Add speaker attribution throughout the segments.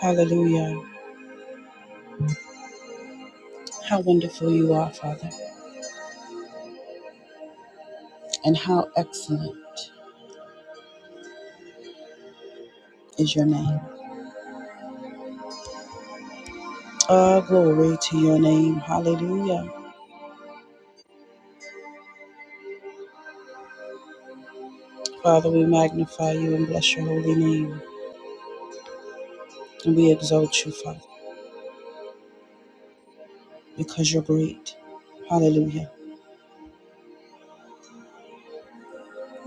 Speaker 1: Hallelujah. How wonderful you are, Father, and how excellent is your name. Oh, glory to your name. Hallelujah. Father, we magnify you and bless your holy name. And we exalt you, Father, because you're great. Hallelujah.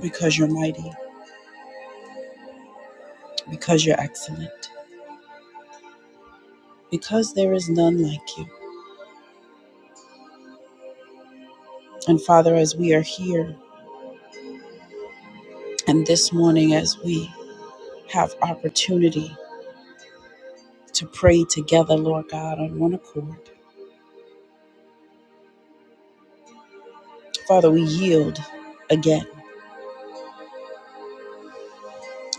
Speaker 1: Because you're mighty. Because you're excellent. Because there is none like you. And Father, as we are here and this morning, as we have opportunity to pray together, Lord God, on one accord, Father, we yield again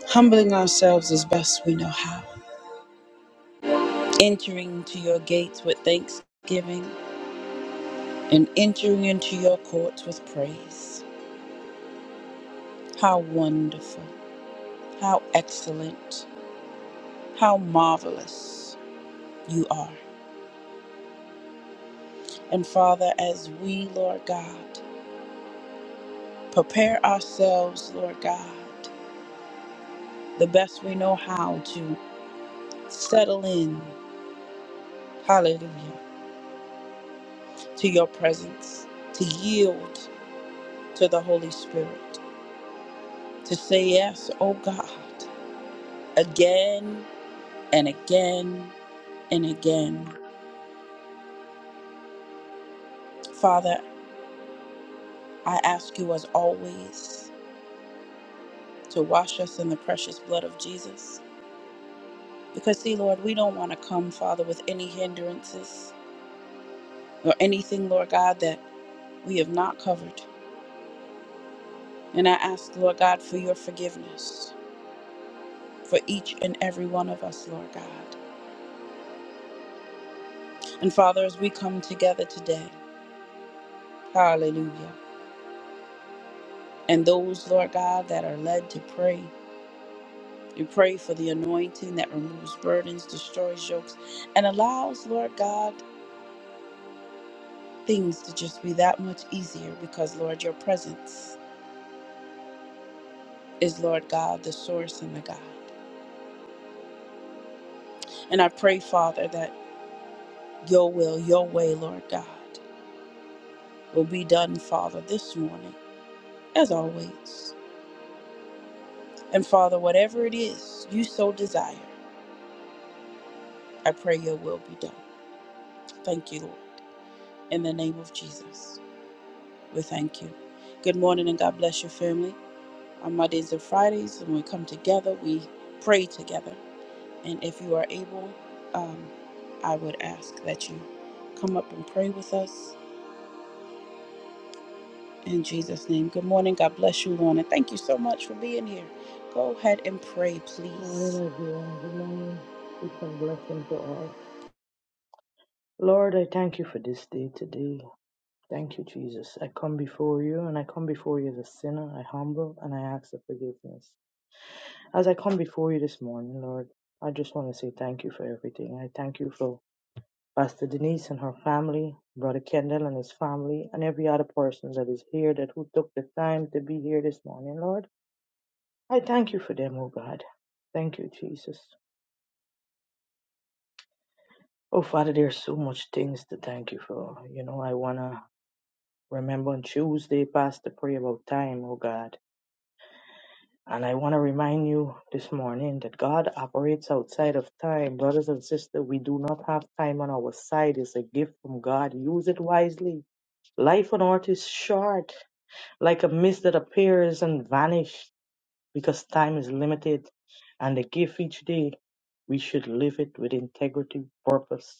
Speaker 1: humbling ourselves as best we know how, entering into your gates with thanksgiving, and entering into your courts with praise. How wonderful, how excellent, how marvelous you are. And Father, as we, Lord God, prepare ourselves, Lord God, the best we know how to settle in, hallelujah, to your presence, to yield to the Holy Spirit, to say yes, oh God again and again and again. Father, I ask you as always to wash us in the precious blood of Jesus. Because, see, Lord, we don't want to come, Father, with any hindrances or anything, Lord God, that we have not covered. And I ask, Lord God, for your forgiveness for each and every one of us, Lord God. And Father, as we come together today, hallelujah. And those, Lord God, that are led to pray, We pray for the anointing that removes burdens, destroys yokes, and allows, Lord God, things to just be that much easier because, Lord, your presence is, Lord God, the source and the God. And I pray, Father, that your will, your way, Lord God, will be done, Father, this morning, as always. And Father, whatever it is you so desire, I pray your will be done. Thank you, Lord. In the name of Jesus, we thank you. Good morning and God bless your family. on Mondays and Fridays, when we come together, we pray together. And if you are able, um, I would ask that you come up and pray with us in Jesus' name. Good morning. God bless you, Lorna. Thank you so much for being here. Go ahead and pray,
Speaker 2: Good
Speaker 1: please.
Speaker 2: morning, everyone. Good morning. Peace and blessing to all. Lord, I thank you for this day today. Thank you, Jesus. I come before you and I come before you as a sinner. I humble and I ask for forgiveness. As I come before you this morning, Lord, I just want to say thank you for everything. I thank you for Pastor Denise and her family, Brother Kendall and his family, and every other person that is here that who took the time to be here this morning, Lord. I thank you for them, oh God. Thank you, Jesus. Oh, Father, there's so much things to thank you for. You know, I want to remember on Tuesday, Pastor, pray about time, oh God. And I want to remind you this morning that God operates outside of time. Brothers and sisters, we do not have time on our side. It's a gift from God. Use it wisely. Life on earth is short, like a mist that appears and vanishes because time is limited. And the gift each day, we should live it with integrity, purpose,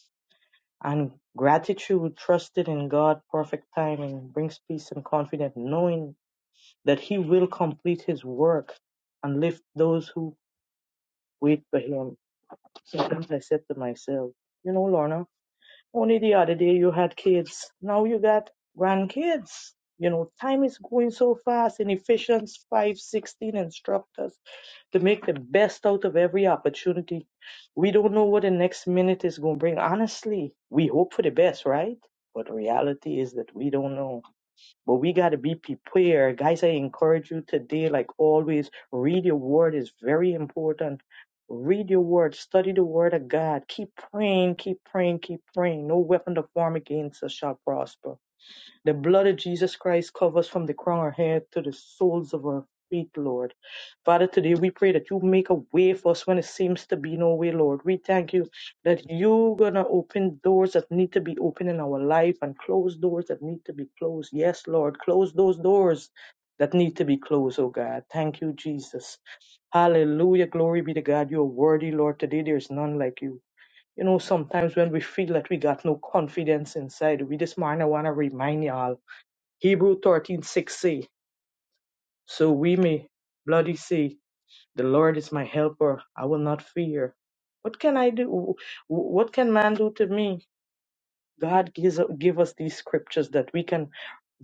Speaker 2: And gratitude, trusted in God, perfect timing, brings peace and confidence, knowing that He will complete His work and lift those who wait for Him. Sometimes I said to myself, you know, Lorna, only the other day you had kids, now you got grandkids. You know, time is going so fast. In Ephesians five sixteen, 16 instructors to make the best out of every opportunity. We don't know what the next minute is going to bring. Honestly, we hope for the best, right? But the reality is that we don't know. But we got to be prepared. Guys, I encourage you today, like always, read your word is very important. Read your word, study the word of God. Keep praying, keep praying, keep praying. No weapon to form against us shall prosper the blood of Jesus Christ covers from the crown of our head to the soles of our feet, Lord. Father, today we pray that you make a way for us when it seems to be no way, Lord. We thank you that you're going to open doors that need to be opened in our life and close doors that need to be closed. Yes, Lord, close those doors that need to be closed, oh God. Thank you, Jesus. Hallelujah. Glory be to God. You're worthy, Lord. Today there is none like you. You know, sometimes when we feel that we got no confidence inside, we this morning I want to remind y'all. Hebrew thirteen six say So we may bloody say the Lord is my helper. I will not fear. What can I do? What can man do to me? God gives give us these scriptures that we can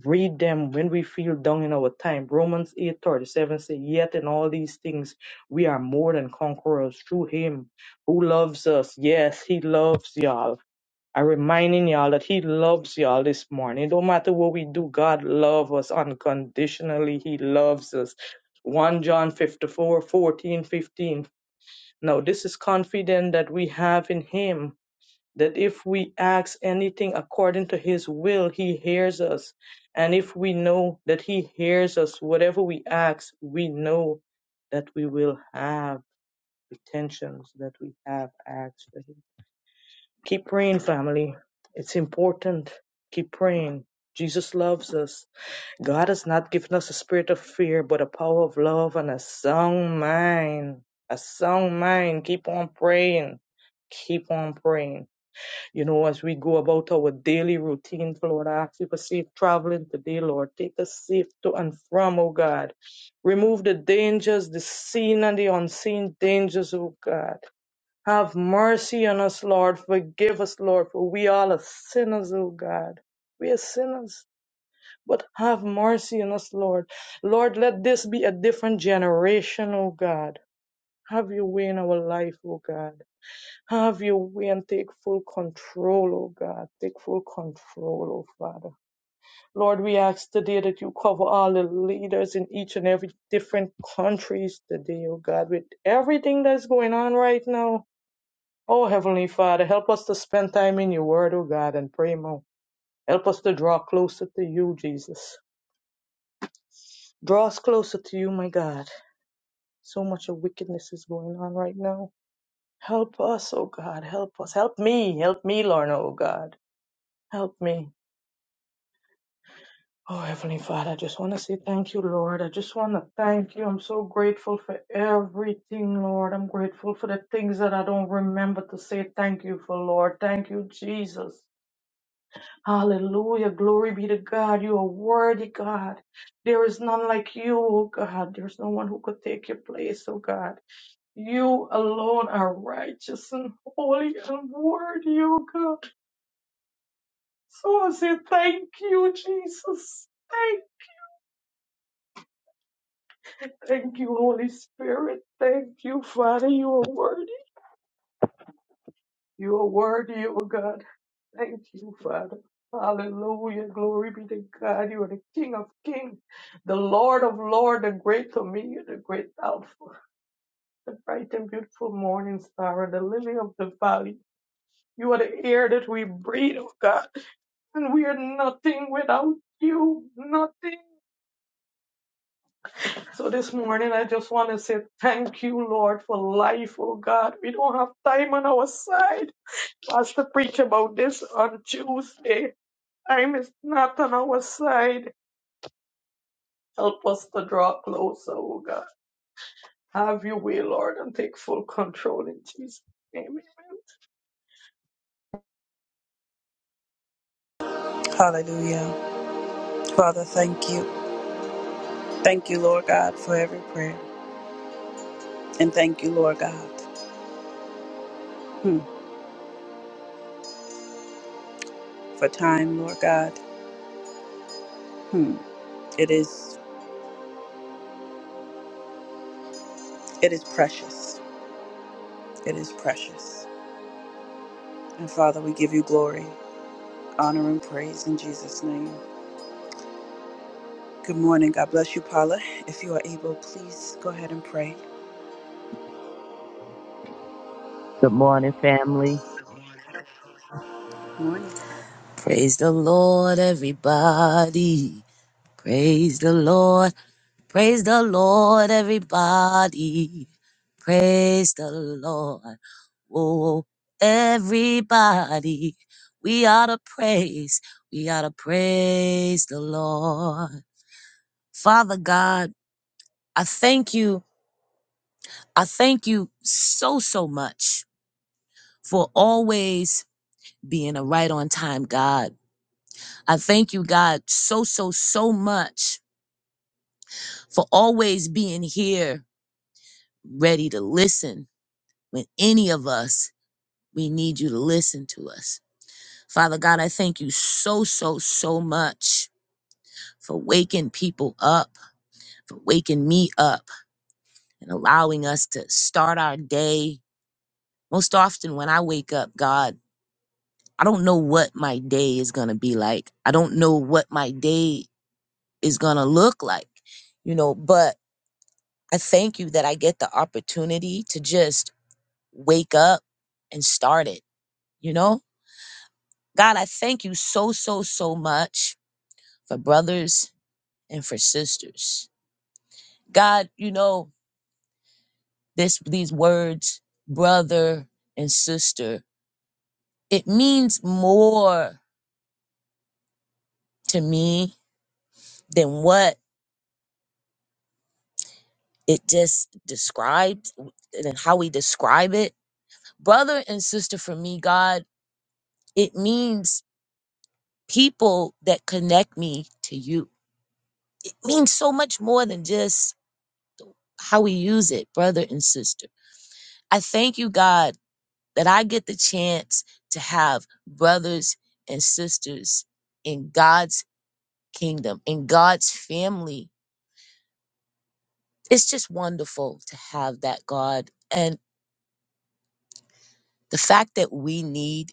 Speaker 2: read them when we feel down in our time. Romans eight thirty seven say, Yet in all these things we are more than conquerors through him who loves us. Yes, he loves y'all I'm reminding y'all that He loves y'all this morning. It don't matter what we do, God loves us unconditionally. He loves us. 1 John 54 14 15. Now, this is confident that we have in Him that if we ask anything according to His will, He hears us. And if we know that He hears us, whatever we ask, we know that we will have the tensions that we have asked for Him. Keep praying, family. It's important. Keep praying. Jesus loves us. God has not given us a spirit of fear, but a power of love and a sound mind. A sound mind. Keep on praying. Keep on praying. You know, as we go about our daily routine, Lord, I ask you for safe traveling today, Lord. Take us safe to and from, oh God. Remove the dangers, the seen and the unseen dangers, oh God. Have mercy on us, Lord. Forgive us, Lord, for we all are sinners, O God. We are sinners, but have mercy on us, Lord. Lord, let this be a different generation, O God. Have your way in our life, O God. Have your way and take full control, O God. Take full control, O Father. Lord, we ask today that you cover all the leaders in each and every different countries today, O God, with everything that's going on right now. Oh, Heavenly Father, help us to spend time in your word, oh God, and pray more. Help us to draw closer to you, Jesus. Draw us closer to you, my God. So much of wickedness is going on right now. Help us, oh God, help us. Help me, help me, Lorna, oh God. Help me. Oh, Heavenly Father, I just want to say thank you, Lord. I just want to thank you. I'm so grateful for everything, Lord. I'm grateful for the things that I don't remember to say thank you for, Lord. Thank you, Jesus. Hallelujah. Glory be to God. You are worthy, God. There is none like you, oh God. There's no one who could take your place, oh God. You alone are righteous and holy and worthy, oh God. So I say thank you, Jesus. Thank, thank you, Holy Spirit. Thank you, Father. You are worthy. You are worthy, O God. Thank you, Father. Hallelujah. Glory be to God. You are the King of kings, the Lord of lords, the great comedian, the great alpha, the bright and beautiful morning star, the lily of the valley. You are the air that we breathe, O God. And we are nothing without you. Nothing. So this morning, I just want to say thank you, Lord, for life, oh God. We don't have time on our side. Pastor preached about this on Tuesday. Time is not on our side. Help us to draw closer, O God. Have your way, Lord, and take full control in Jesus' name. Amen.
Speaker 1: Hallelujah. Father, thank you. Thank you, Lord God, for every prayer. And thank you, Lord God, hmm, for time, Lord God. Hmm. It is it is precious. It is precious. And Father, we give you glory. honor and praise in Jesus' name. Good morning. God bless you, Paula. If you are able, please go ahead and pray.
Speaker 3: Good morning, family.
Speaker 1: Good Morning.
Speaker 3: Praise the Lord, everybody. Praise the Lord. Praise the Lord, everybody. Praise the Lord. Whoa, everybody. We ought to praise. We ought to praise the Lord. Father God, I thank you. I thank you so, so much for always being a right on time God I thank you, God, so, so, so much for always being here, ready to listen when any of us, we need you to listen to us. Father God, I thank you so, so, so much for waking people up, for waking me up, and allowing us to start our day. Most often when I wake up, God, I don't know what my day is going to be like. I don't know what my day is going to look like, you know, but I thank you that I get the opportunity to just wake up and start it, you know? God, I thank you so, so, so much for brothers and for sisters. God, you know, this these words, brother and sister, it means more to me than what it just described and how we describe it. Brother and sister for me, God, it means people that connect me to you means so much more than just how we use it, brother and sister. I thank you, God, that I get the chance to have brothers and sisters in God's kingdom, in God's family. It's just wonderful to have that, God. And the fact that we need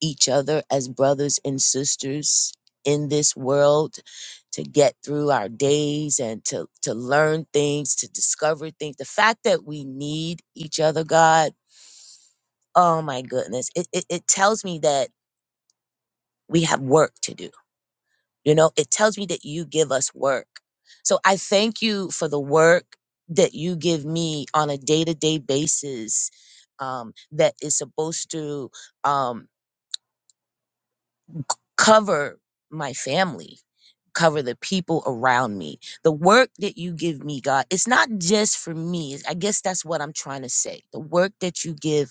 Speaker 3: each other as brothers and sisters in this world to get through our days and to to learn things to discover things the fact that we need each other god oh my goodness it, it, it tells me that we have work to do you know it tells me that you give us work so i thank you for the work that you give me on a day-to-day basis um, that is supposed to um, c- cover my family cover the people around me the work that you give me god it's not just for me i guess that's what i'm trying to say the work that you give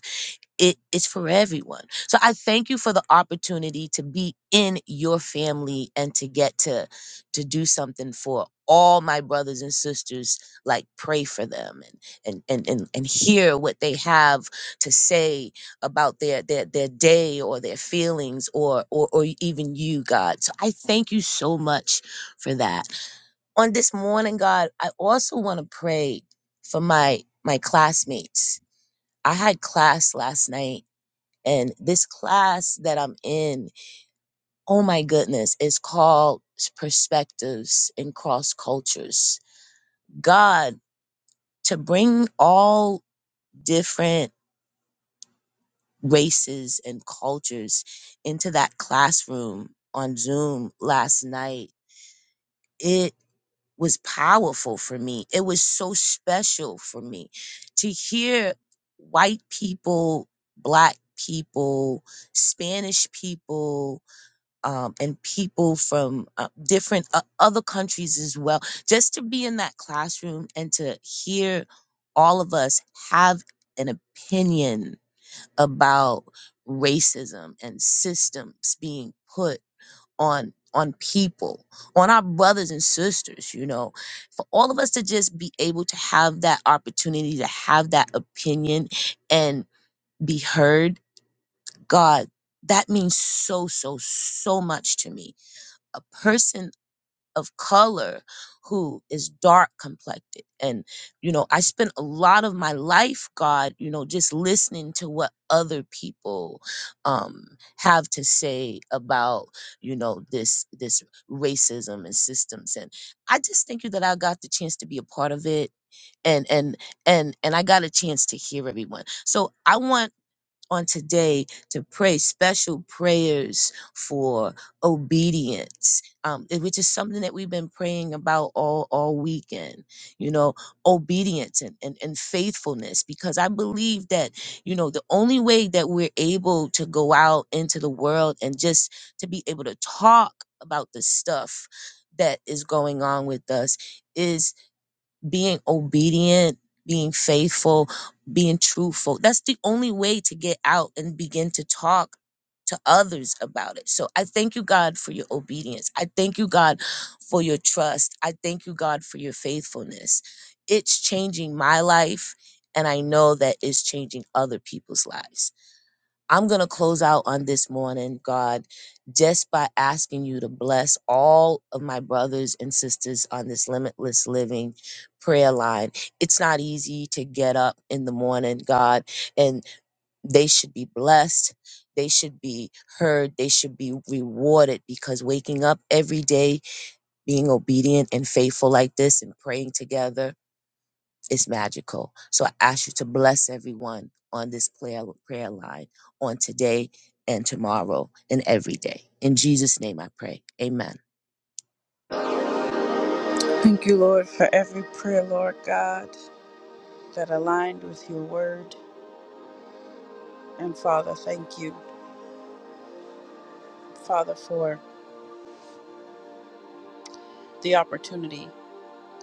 Speaker 3: it is for everyone. So I thank you for the opportunity to be in your family and to get to to do something for all my brothers and sisters, like pray for them and and and and, and hear what they have to say about their their their day or their feelings or or or even you, God. So I thank you so much for that. On this morning, God, I also want to pray for my my classmates. I had class last night and this class that I'm in, oh my goodness, is called Perspectives in Cross Cultures. God, to bring all different races and cultures into that classroom on Zoom last night, it was powerful for me. It was so special for me to hear white people, black people, Spanish people, um, and people from uh, different uh, other countries as well. Just to be in that classroom and to hear all of us have an opinion about racism and systems being put on on people on our brothers and sisters you know for all of us to just be able to have that opportunity to have that opinion and be heard god that means so so so much to me a person of color who is dark complected and you know i spent a lot of my life god you know just listening to what other people um have to say about you know this this racism and systems and i just thank you that i got the chance to be a part of it and and and and i got a chance to hear everyone so i want on today to pray special prayers for obedience, um, it- which is something that we've been praying about all, all weekend, you know, obedience and, and, and faithfulness, because I believe that, you know, the only way that we're able to go out into the world and just to be able to talk about the stuff that is going on with us is being obedient, being faithful, being truthful. That's the only way to get out and begin to talk to others about it. So I thank you, God, for your obedience. I thank you, God, for your trust. I thank you, God, for your faithfulness. It's changing my life, and I know that it's changing other people's lives. I'm going to close out on this morning, God, just by asking you to bless all of my brothers and sisters on this limitless living prayer line. It's not easy to get up in the morning, God, and they should be blessed. They should be heard. They should be rewarded because waking up every day, being obedient and faithful like this, and praying together it's magical. So I ask you to bless everyone on this prayer, prayer line on today and tomorrow and every day. In Jesus' name I pray. Amen.
Speaker 1: Thank you, Lord, for every prayer, Lord God, that aligned with your word. And Father, thank you, Father, for the opportunity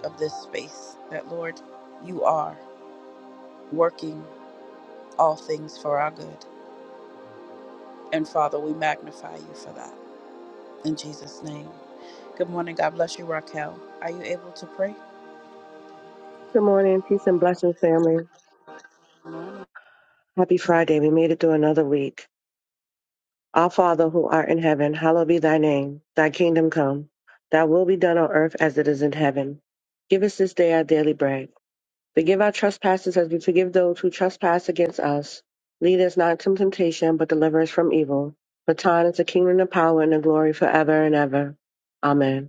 Speaker 1: of this space that, Lord, you are working all things for our good. And Father, we magnify you for that in Jesus' name. Good morning. God bless you, Raquel. Are you able to pray?
Speaker 4: Good morning, peace and blessings, family. Happy Friday. We made it through another week. Our Father who art in heaven, hallowed be thy name. Thy kingdom come. Thy will be done on earth as it is in heaven. Give us this day our daily bread. Forgive our trespasses as we forgive those who trespass against us. Lead us not into temptation, but deliver us from evil. For thine is the kingdom, the power, and the glory forever and ever. Amen.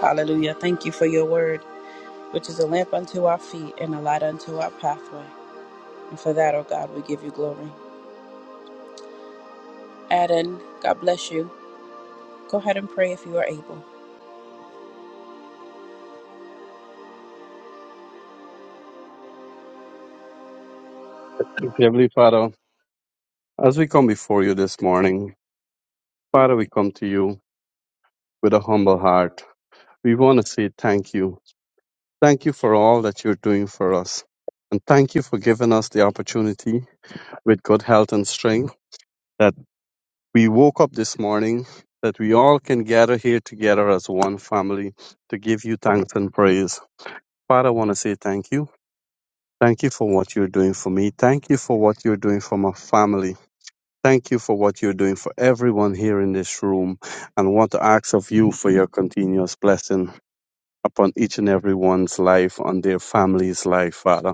Speaker 1: Hallelujah. Thank you for your word. which is a lamp unto our feet and a light unto our pathway. And for that, oh God, we give you glory. Adam, God bless you. Go ahead and pray if you are able.
Speaker 5: Heavenly Father, as we come before you this morning, Father, we come to you with a humble heart. We want to say thank you. Thank you for all that you're doing for us. And thank you for giving us the opportunity with good health and strength that we woke up this morning, that we all can gather here together as one family to give you thanks and praise. Father, I want to say thank you. Thank you for what you're doing for me. Thank you for what you're doing for my family. Thank you for what you're doing for everyone here in this room and want to ask of you for your continuous blessing upon each and everyone's life, on their family's life, Father.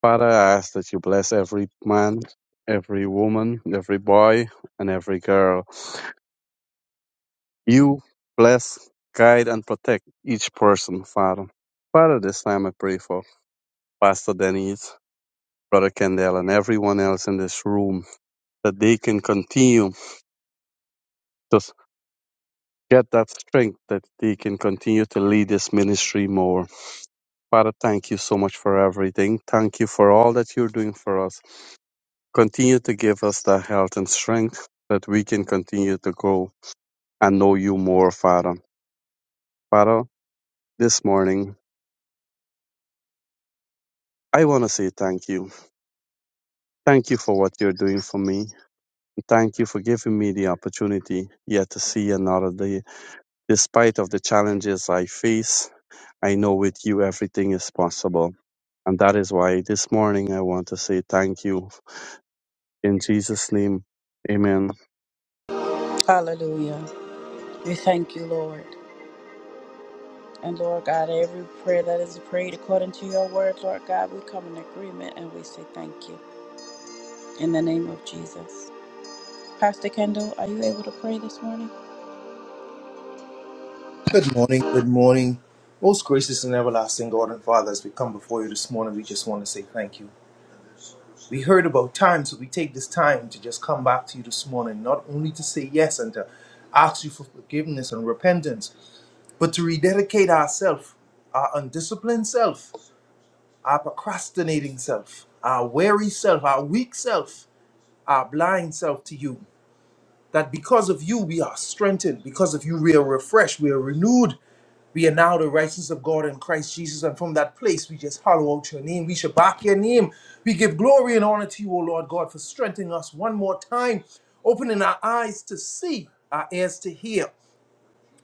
Speaker 5: Father, I ask that you bless every man, every woman, every boy, and every girl. You bless, guide, and protect each person, Father. Father, this time I pray for Pastor Denise, Brother Kendall, and everyone else in this room that they can continue to. get that strength that they can continue to lead this ministry more. Father, thank you so much for everything. Thank you for all that you're doing for us. Continue to give us the health and strength that we can continue to grow and know you more, Father. Father, this morning, I want to say thank you. Thank you for what you're doing for me. Thank you for giving me the opportunity yet to see another day. Despite of the challenges I face, I know with you everything is possible. And that is why this morning I want to say thank you in Jesus' name. Amen.
Speaker 1: Hallelujah. We thank you, Lord. And Lord God, every prayer that is prayed according to your word, Lord God, we come in agreement and we say thank you in the name of Jesus. Pastor Kendall, are you able to pray this morning?
Speaker 6: Good morning, good morning. Most gracious and everlasting God and Father, as we come before you this morning, we just want to say thank you. We heard about time, so we take this time to just come back to you this morning, not only to say yes and to ask you for forgiveness and repentance, but to rededicate ourselves, our undisciplined self, our procrastinating self, our weary self, our weak self, our blind self to you. that because of you we are strengthened, because of you we are refreshed, we are renewed. We are now the righteousness of God in Christ Jesus, and from that place we just hallow out your name. We shall back your name. We give glory and honor to you, O Lord God, for strengthening us one more time, opening our eyes to see, our ears to hear,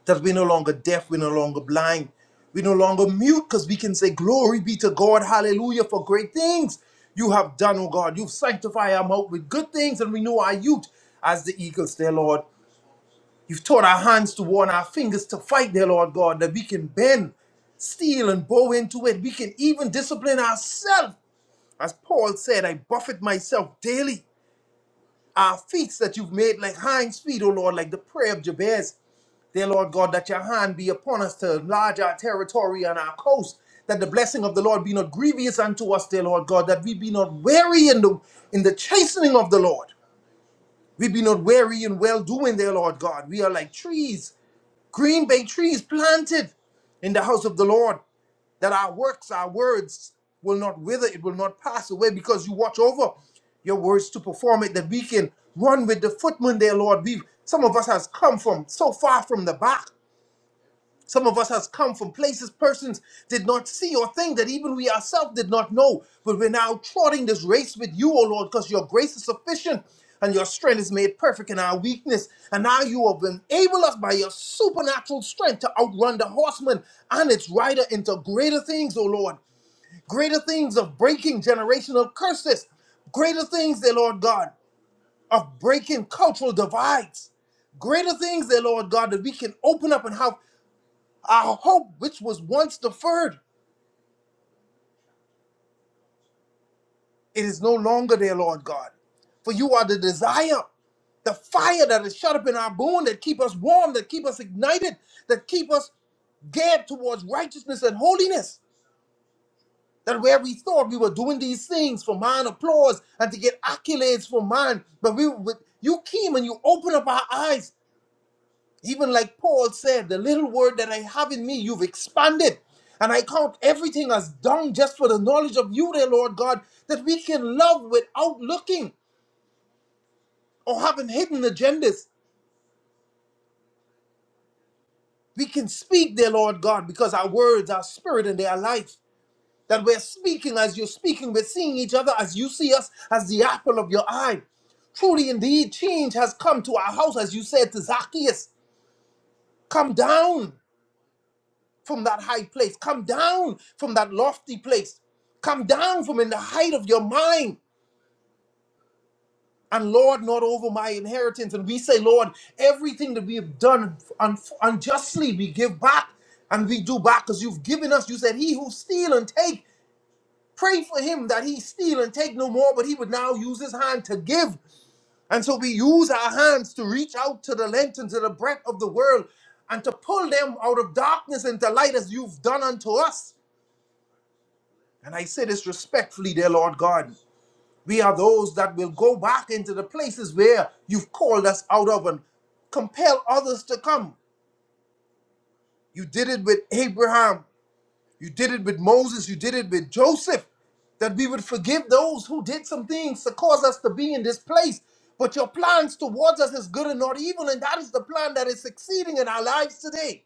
Speaker 6: that we're no longer deaf, we're no longer blind, we're no longer mute, because we can say, Glory be to God, hallelujah, for great things you have done, O God. You've sanctified our mouth with good things and renew our youth as the eagles, dear Lord. You've taught our hands to war and our fingers to fight, dear Lord God, that we can bend steel and bow into it. We can even discipline ourselves. As Paul said, I buffet myself daily. Our feet that you've made like hinds feet, O Lord, like the prayer of Jabez. Dear Lord God, that your hand be upon us to enlarge our territory and our coast, that the blessing of the Lord be not grievous unto us, dear Lord God, that we be not weary in the in the chastening of the Lord. We be not weary in well doing, dear Lord God. We are like trees Green bay trees planted in the house of the Lord, that our works, our words will not wither, it will not pass away, because you watch over your words to perform it, that we can run with the footman there, Lord. We some of us has come from so far from the back some of us has come from places persons did not see or think that even we ourselves did not know. But we're now trotting this race with you, O Lord, because your grace is sufficient and your strength is made perfect in our weakness. And now you have enabled us by your supernatural strength to outrun the horseman and its rider into greater things, O Lord. Greater things of breaking generational curses. Greater things, dear Lord God, of breaking cultural divides greater things there, Lord God, that we can open up and have our hope, which was once deferred, it is no longer there, Lord God. For you are the desire, the fire that is shut up in our bone, that keep us warm, that keep us ignited, that keep us gab towards righteousness and holiness. That where we thought we were doing these things for man applause and to get accolades for man, but we, but you came and you opened up our eyes Even like Paul said, the little word that I have in me, you've expanded. And I count everything as dung just for the knowledge of you, dear Lord God, that we can love without looking or having hidden agendas. We can speak, dear Lord God, because our words are spirit and they are life. That we're speaking as you're speaking, we're seeing each other as you see us, as the apple of your eye. Truly, indeed, change has come to our house, as you said to Zacchaeus. Come down. from that high place. Come down from that lofty place. Come down from in the height of your mind. And Lord, not over my inheritance. And we say, Lord, everything that we have done un- unjustly, we give back and we do back because you've given us. You said, He who steal and take, pray for him that he steal and take no more, but he would now use his hand to give. And so we use our hands to reach out to the length and to the breadth of the world and to pull them out of darkness into light as you've done unto us. And I say this respectfully, dear Lord God. We are those that will go back into the places where you've called us out of and compel others to come. You did it with Abraham. You did it with Moses. You did it with Joseph. That we would forgive those who did some things to cause us to be in this place. But your plans towards us is good and not evil. And that is the plan that is succeeding in our lives today.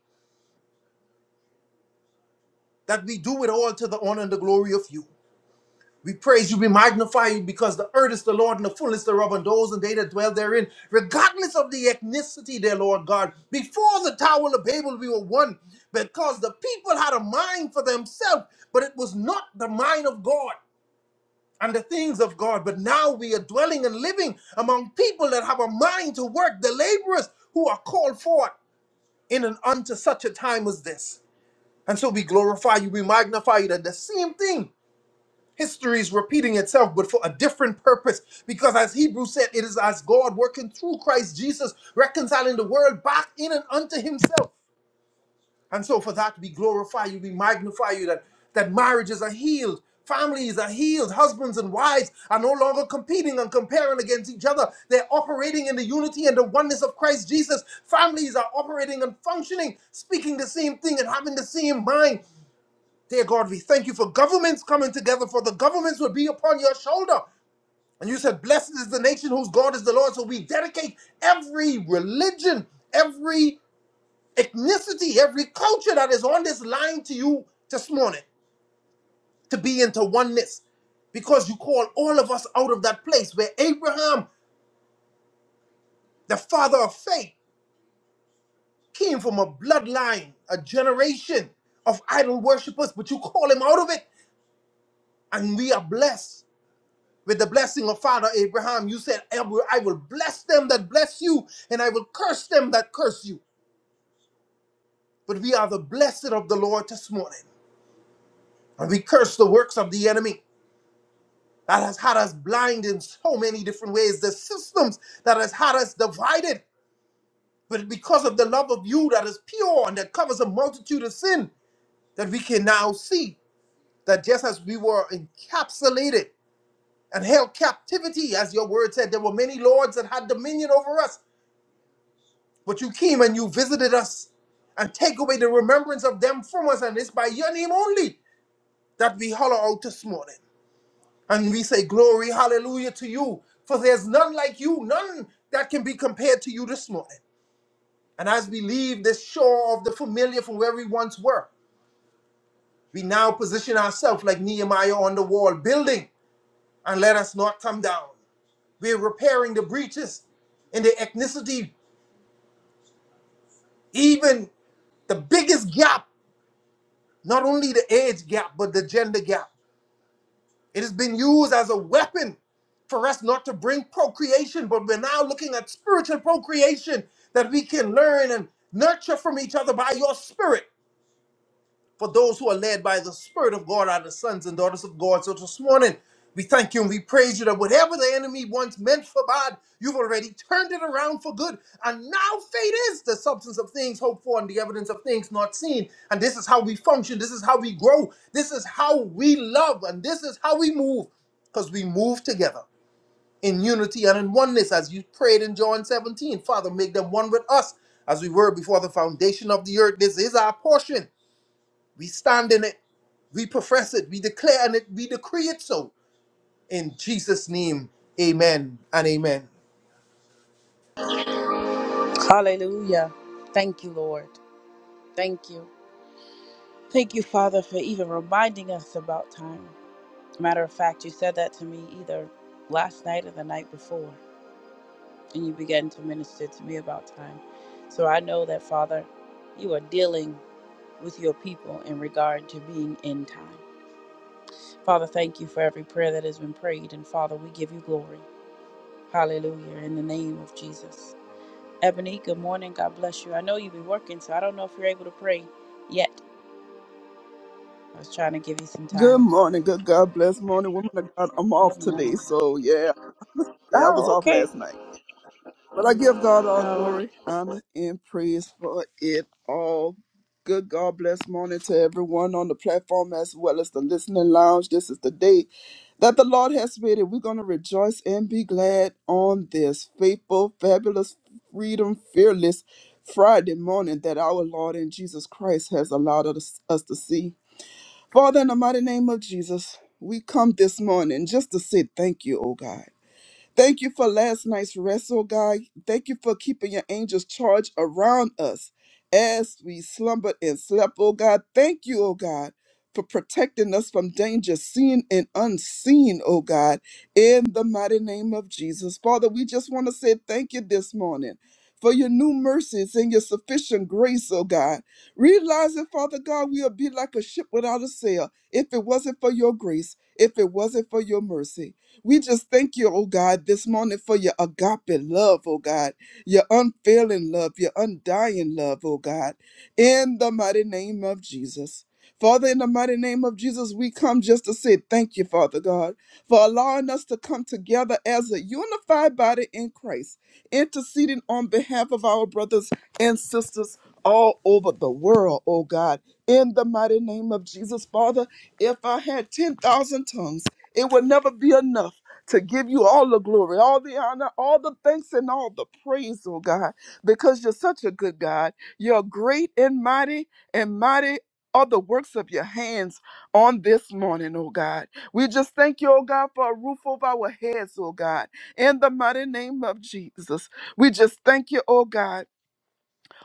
Speaker 6: That we do it all to the honor and the glory of you. We praise you, we magnify you, because the earth is the Lord and the fullness thereof, and those and they that dwell therein, regardless of the ethnicity, their Lord God. Before the Tower of Babel, we were one, because the people had a mind for themselves, but it was not the mind of God and the things of God. But now we are dwelling and living among people that have a mind to work, the laborers who are called forth in and unto such a time as this. And so we glorify you, we magnify you, that the same thing. History is repeating itself, but for a different purpose. Because as Hebrews said, it is as God working through Christ Jesus, reconciling the world back in and unto himself. And so for that, we glorify you, we magnify you, that, that marriages are healed, families are healed, husbands and wives are no longer competing and comparing against each other. They're operating in the unity and the oneness of Christ Jesus. Families are operating and functioning, speaking the same thing and having the same mind. Dear God, we thank you for governments coming together, for the governments will be upon your shoulder. And you said, Blessed is the nation whose God is the Lord. So we dedicate every religion, every ethnicity, every culture that is on this line to you this morning to be into oneness. Because you call all of us out of that place where Abraham, the father of faith, came from a bloodline, a generation of idol worshippers, but you call him out of it. And we are blessed with the blessing of father abraham you said i will I will bless them that bless you and i will curse them that curse you but we are the blessed of the lord this morning and we curse the works of the enemy that has had us blind in so many different ways the systems that has had us divided but because of the love of you that is pure and that covers a multitude of sin that we can now see that just as we were encapsulated and held captivity as your word said there were many lords that had dominion over us But you came and you visited us and take away the remembrance of them from us. And it's by your name only that we holler out this morning. And we say, Glory, hallelujah to you. For there's none like you, none that can be compared to you this morning. And as we leave this shore of the familiar from where we once were, we now position ourselves like Nehemiah on the wall, building and let us not come down. We're repairing the breaches in the ethnicity, even the biggest gap Not only the age gap, but the gender gap. It has been used as a weapon for us not to bring procreation, but we're now looking at spiritual procreation that we can learn and nurture from each other by your spirit for those who are led by the Spirit of God are the sons and daughters of God. So this morning, we thank you and we praise you that whatever the enemy once meant for bad, you've already turned it around for good. And now faith is the substance of things hoped for and the evidence of things not seen. And this is how we function. This is how we grow. This is how we love. And this is how we move because we move together in unity and in oneness as you prayed in John 17. Father, make them one with us as we were before the foundation of the earth. This is our portion. We stand in it. We profess it. We declare in it. We decree it so. In Jesus' name, amen and amen.
Speaker 1: Hallelujah. Thank you, Lord. Thank you. Thank you, Father, for even reminding us about time. Matter of fact, you said that to me either last night or the night before, and you began to minister to me about time. So I know that, Father, you are dealing with your people in regard to being in time. Father, thank you for every prayer that has been prayed, and Father, we give you glory. Hallelujah, in the name of Jesus. Ebony, good morning. God bless you. I know you have been working, so I don't know if you're able to pray yet. I was trying to give you some
Speaker 7: Good
Speaker 1: time.
Speaker 7: morning, good God bless morning, woman of God. I'm off
Speaker 1: Amen.
Speaker 7: today, so yeah, yeah, I was
Speaker 1: Oh,
Speaker 7: off
Speaker 1: okay.
Speaker 7: last night, but I give God all
Speaker 1: Oh.
Speaker 7: glory, honor, and praise for it all. Good God bless morning to everyone on the platform as well as the listening lounge. This is the day that the Lord has made, and we're going to rejoice and be glad on this faithful, fabulous, freedom, fearless Friday morning that our Lord and Jesus Christ has allowed us, us to see. Father, in the mighty name of Jesus, we come this morning just to say thank you, oh God. Thank you for last night's wrestle, God. Thank you for keeping your angels charged around us as we slumbered and slept, oh God. Thank you, oh God, for protecting us from danger, seen and unseen, oh God, in the mighty name of Jesus. Father, we just want to say thank you this morning for your new mercies and your sufficient grace, oh God. Realizing, Father God, we'll be like a ship without a sail if it wasn't for your grace, if it wasn't for your mercy. We just thank you, oh God, this morning for your agape love, oh God, your unfailing love, your undying love, oh God, in the mighty name of Jesus. Father, in the mighty name of Jesus, we come just to say thank you, Father God, for allowing us to come together as a unified body in Christ, interceding on behalf of our brothers and sisters all over the world, oh God. In the mighty name of Jesus, Father, if I had 10,000 tongues, it will never be enough to give you all the glory, all the honor, all the thanks, and all the praise, oh God, because you're such a good God. You're great and mighty, and mighty are the works of your hands on this morning, oh God. We just thank you, oh God, for a roof over our heads, oh God, in the mighty name of Jesus. We just thank you, oh God.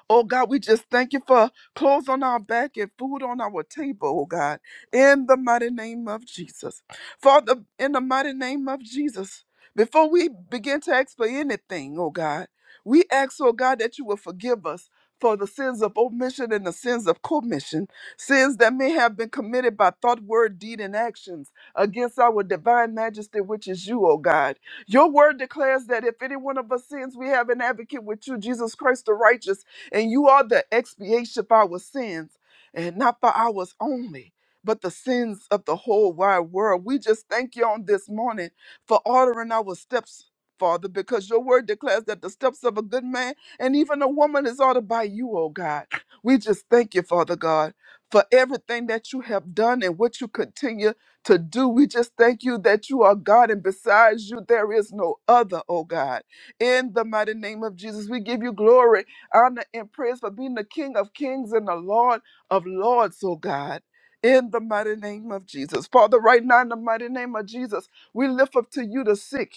Speaker 7: Oh God, we just thank you for clothes on our back and food on our table, oh God, in the mighty name of Jesus. Father, in the mighty name of Jesus, before we begin to ask for anything, oh God, we ask, oh God, that you will forgive us for the sins of omission and the sins of commission, sins that may have been committed by thought, word, deed, and actions against our divine majesty, which is you, O God. Your word declares that if any one of us sins, we have an advocate with you, Jesus Christ the righteous and you are the expiation for our sins, and not for ours only, but the sins of the whole wide world. We just thank you on this morning for ordering our steps. Father, because your word declares that the steps of a good man and even a woman is ordered by you, oh God. We just thank you, Father God, for everything that you have done and what you continue to do. We just thank you that you are God and besides you, there is no other, oh God. In the mighty name of Jesus, we give you glory honor, and praise for being the King of kings and the Lord of lords, oh God. In the mighty name of Jesus. Father, right now, in the mighty name of Jesus, we lift up to you the sick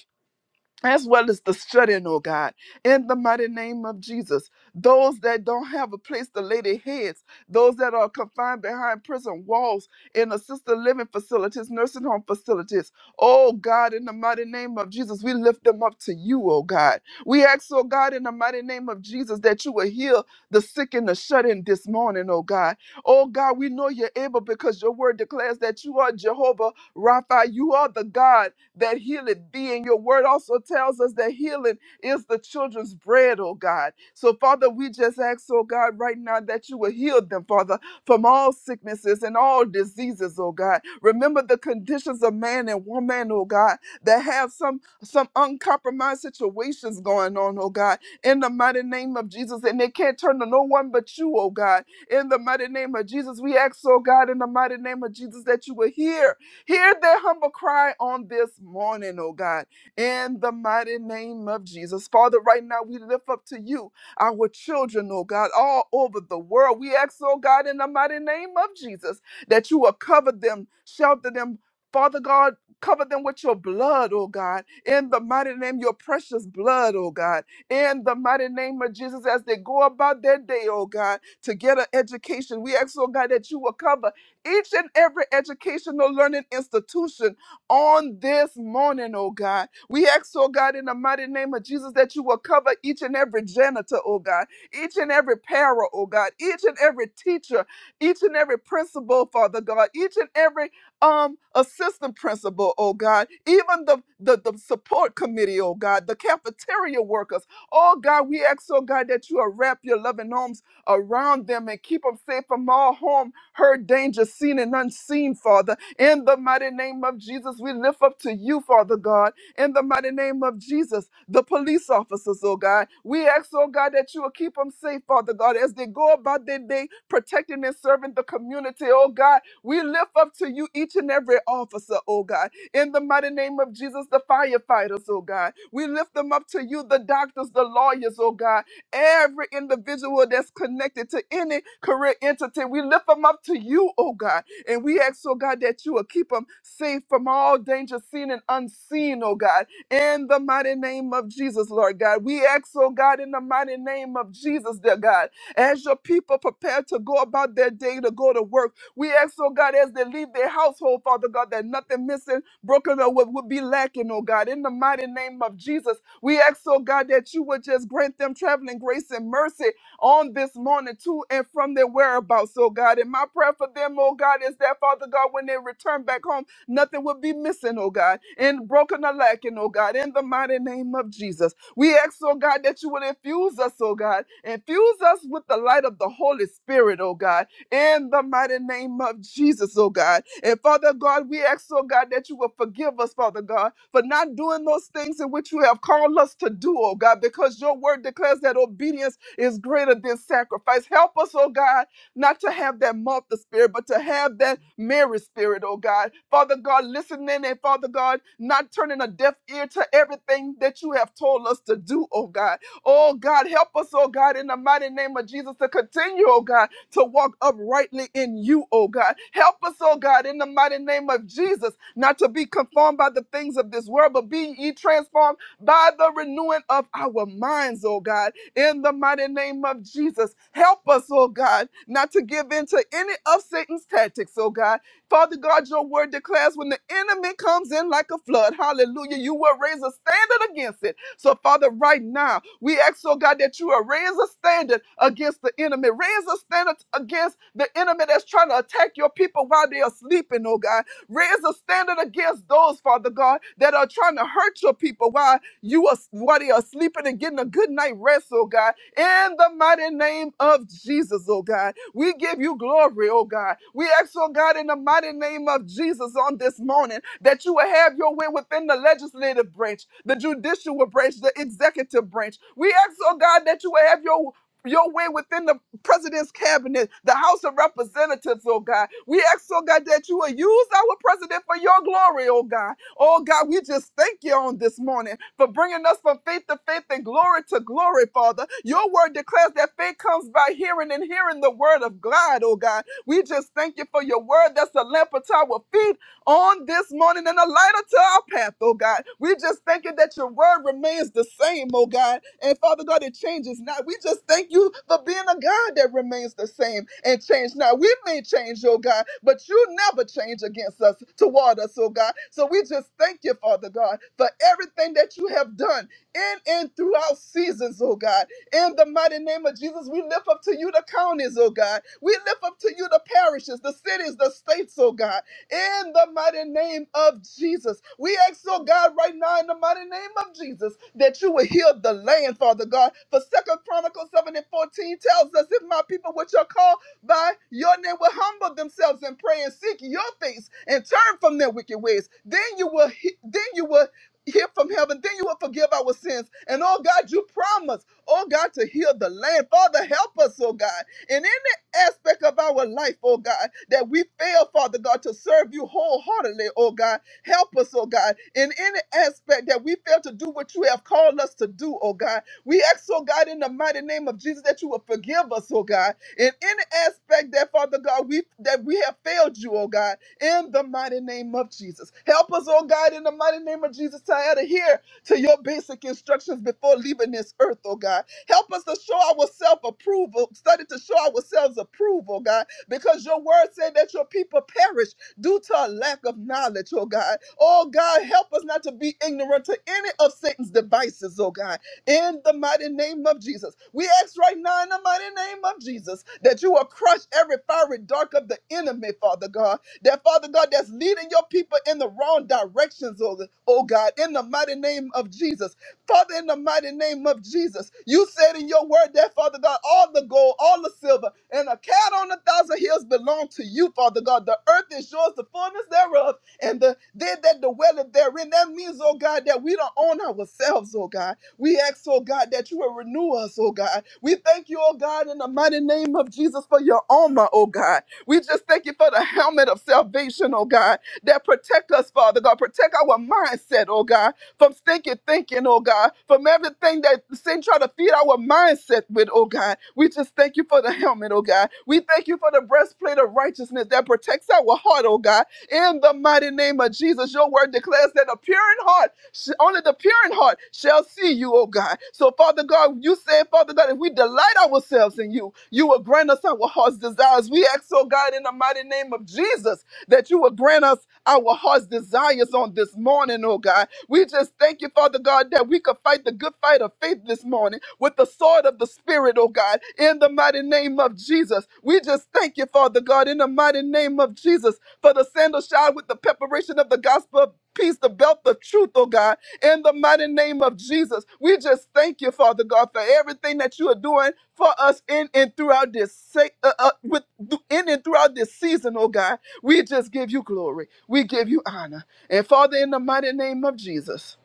Speaker 7: as well as the shut-in, oh God, in the mighty name of Jesus. Those that don't have a place to lay their heads, those that are confined behind prison walls, in assisted living facilities, nursing home facilities. Oh God, in the mighty name of Jesus, we lift them up to you, oh God. We ask, oh God, in the mighty name of Jesus, that you will heal the sick and the shut-in this morning, oh God. Oh God, we know you're able because your word declares that you are Jehovah Rapha. You are the God that healing be. And your word also tells us that healing is the children's bread, oh God. So, Father, we just ask, oh God, right now that you will heal them, Father, from all sicknesses and all diseases, oh God. Remember the conditions of man and woman, oh God, that have some some uncompromised situations going on, oh God, in the mighty name of Jesus. And they can't turn to no one but you, oh God. In the mighty name of Jesus, we ask, oh God, in the mighty name of Jesus, that you will hear Hear their humble cry on this morning, oh God, in the mighty name of Jesus. Father, right now we lift up to you our children, oh God, all over the world. We ask, oh God, in the mighty name of Jesus, that you will cover them, shelter them. Father God, cover them with your blood, oh God, in the mighty name, your precious blood, oh God, in the mighty name of Jesus, as they go about their day, oh God, to get an education. We ask, oh God, that you will cover each and every educational learning institution on this morning, oh God. We ask, oh God, in the mighty name of Jesus, that you will cover each and every janitor, oh God, each and every para, oh God, each and every teacher, each and every principal, Father God, each and every um assistant principal, oh God, even the, the, the support committee, oh God, the cafeteria workers, oh God, we ask, oh God, that you will wrap your loving arms around them and keep them safe from all harm heard danger seen and unseen, Father. In the mighty name of Jesus, we lift up to you, Father God. In the mighty name of Jesus, the police officers, oh God. We ask, oh God, that you will keep them safe, Father God, as they go about their day protecting and serving the community, oh God. We lift up to you each and every officer, oh God. In the mighty name of Jesus, the firefighters, oh God. We lift them up to you, the doctors, the lawyers, oh God every individual that's connected to any career entity. We lift them up to you, oh God. And we ask, oh God, that you will keep them safe from all danger seen and unseen, oh God. In the mighty name of Jesus, Lord God. We ask, oh God, in the mighty name of Jesus, dear God, as your people prepare to go about their day to go to work, we ask, oh God, as they leave their household, Father God, that nothing missing, broken, or what would be lacking, oh God. In the mighty name of Jesus, we ask, oh God, that you would just grant them traveling grace and mercy on this morning to and from their whereabouts, oh God. And my prayer for them, oh God, is that, Father God, when they return back home, nothing will be missing, oh God, and broken or lacking, oh God, in the mighty name of Jesus. We ask, oh God, that you would infuse us, oh God, infuse us with the light of the Holy Spirit, oh God in the mighty name of Jesus, oh God. And Father God, we ask, oh God, that you will forgive us, Father God, for not doing those things in which you have called us to do, oh God, because your word declares that obedience is greater than sacrifice. Help us, oh God, not to have that Martha spirit, but to have that Mary spirit, oh God. Father God, listening and Father God, not turning a deaf ear to everything that you have told us to do, oh God. Oh God, help us, oh God, in the mighty name of Jesus to continue, oh God to walk uprightly in you, oh God. Help us, oh God, in the mighty name of Jesus, not to be conformed by the things of this world, but be ye transformed by the renewing of our minds, oh God, in the mighty name of Jesus. Help us, oh God, not to give in to any of Satan's tactics, oh God. Father God, your word declares when the enemy comes in like a flood, hallelujah, you will raise a standard against it so, Father, right now, we ask, oh God, that you will raise a standard against the enemy. Raise a standard against the enemy that's trying to attack your people while they are sleeping, oh God. Raise a standard against those, Father God, that are trying to hurt your people while you are while they are sleeping and getting a good night rest, oh God in the mighty name of Jesus, oh God. We give you glory, oh God. We ask, oh God, in the mighty name of Jesus on this morning that you will have your way within the legislative branch, the judicial branch, the executive branch. We ask, oh God, that you will have your your way within the president's cabinet, the House of Representatives, oh God. We ask, oh God, that you will use our president for your glory, oh God. Oh God, we just thank you on this morning for bringing us from faith to faith and glory to glory, Father. Your word declares that faith comes by hearing and hearing the word of God, oh God. We just thank you for your word that's a lamp unto our feet on this morning and a light unto our path, oh God. We just thank you that your word remains the same, oh God. And Father God, it changes not. We just thank you for being a God that remains the same and change not. We may change, oh God, but you never change against us, toward us, oh God. So we just thank you, Father God, for everything that you have done in and throughout seasons, oh God. In the mighty name of Jesus, we lift up to you the counties, oh God. We lift up to you the parishes, the cities, the states, oh God in the mighty name of Jesus. We ask, oh God, right now in the mighty name of Jesus, that you will heal the land, Father God. For Second Chronicles 7 and 14 tells us, if my people which are called by your name will humble themselves and pray and seek your face and turn from their wicked ways, then you will he- then you will hear from heaven, then you will forgive our sins. And oh God, you promise, oh God, to heal the land. Father, help us, oh God. in. any aspect of our life, oh God, that we fail, Father God, to serve you wholeheartedly, oh God. Help us, oh God, in any aspect that we fail to do what you have called us to do, oh God. We ask, oh God, in the mighty name of Jesus, that you will forgive us, oh God, in any aspect that, Father God, we that we have failed you, oh God, in the mighty name of Jesus. Help us, oh God, in the mighty name of Jesus, to adhere to your basic instructions before leaving this earth, oh God. Help us to show our self approval, study to show ourselves approval, God, because your word said that your people perish due to a lack of knowledge, oh God. Oh God, help us not to be ignorant to any of Satan's devices, oh God. In the mighty name of Jesus. We ask right now in the mighty name of Jesus that you will crush every fiery dark of the enemy, Father God. That Father God, that's leading your people in the wrong directions, oh, oh God, in the mighty name of Jesus. Father, in the mighty name of Jesus, you said in your word that, Father God, all the gold, all the silver, and a cat on a thousand hills belong to you, Father God. The earth is yours, the fullness thereof, and the they that dwelleth therein. That means, oh God, that we don't own ourselves, oh God. We ask, oh God, that you will renew us, oh God. We thank you, oh God, in the mighty name of Jesus for your armor, oh God. We just thank you for the helmet of salvation, oh God, that protect us, Father God. Protect our mindset, oh God from stinking thinking, oh God, from everything that sin try to feed our mindset with, oh God. We just thank you for the helmet, oh God. We thank you for the breastplate of righteousness that protects our heart, oh God. In the mighty name of Jesus, your word declares that a pure in heart, sh- only the pure in heart shall see you, oh God. So, Father God, you said, Father God, if we delight ourselves in you, you will grant us our heart's desires. We ask, oh God, in the mighty name of Jesus, that you will grant us our heart's desires on this morning, oh God. We just thank you, Father God, that we could fight the good fight of faith this morning with the sword of the Spirit, oh God, in the mighty name of Jesus. We just thank you, Father God, in the mighty name of Jesus, for the sandal shod with the preparation of the gospel of peace, the belt of truth, oh God in the mighty name of Jesus. We just thank you, Father God, for everything that you are doing for us in and throughout this se- uh, uh, with in and throughout this season, oh God. We just give you glory. We give you honor. And Father, in the mighty name of Jesus,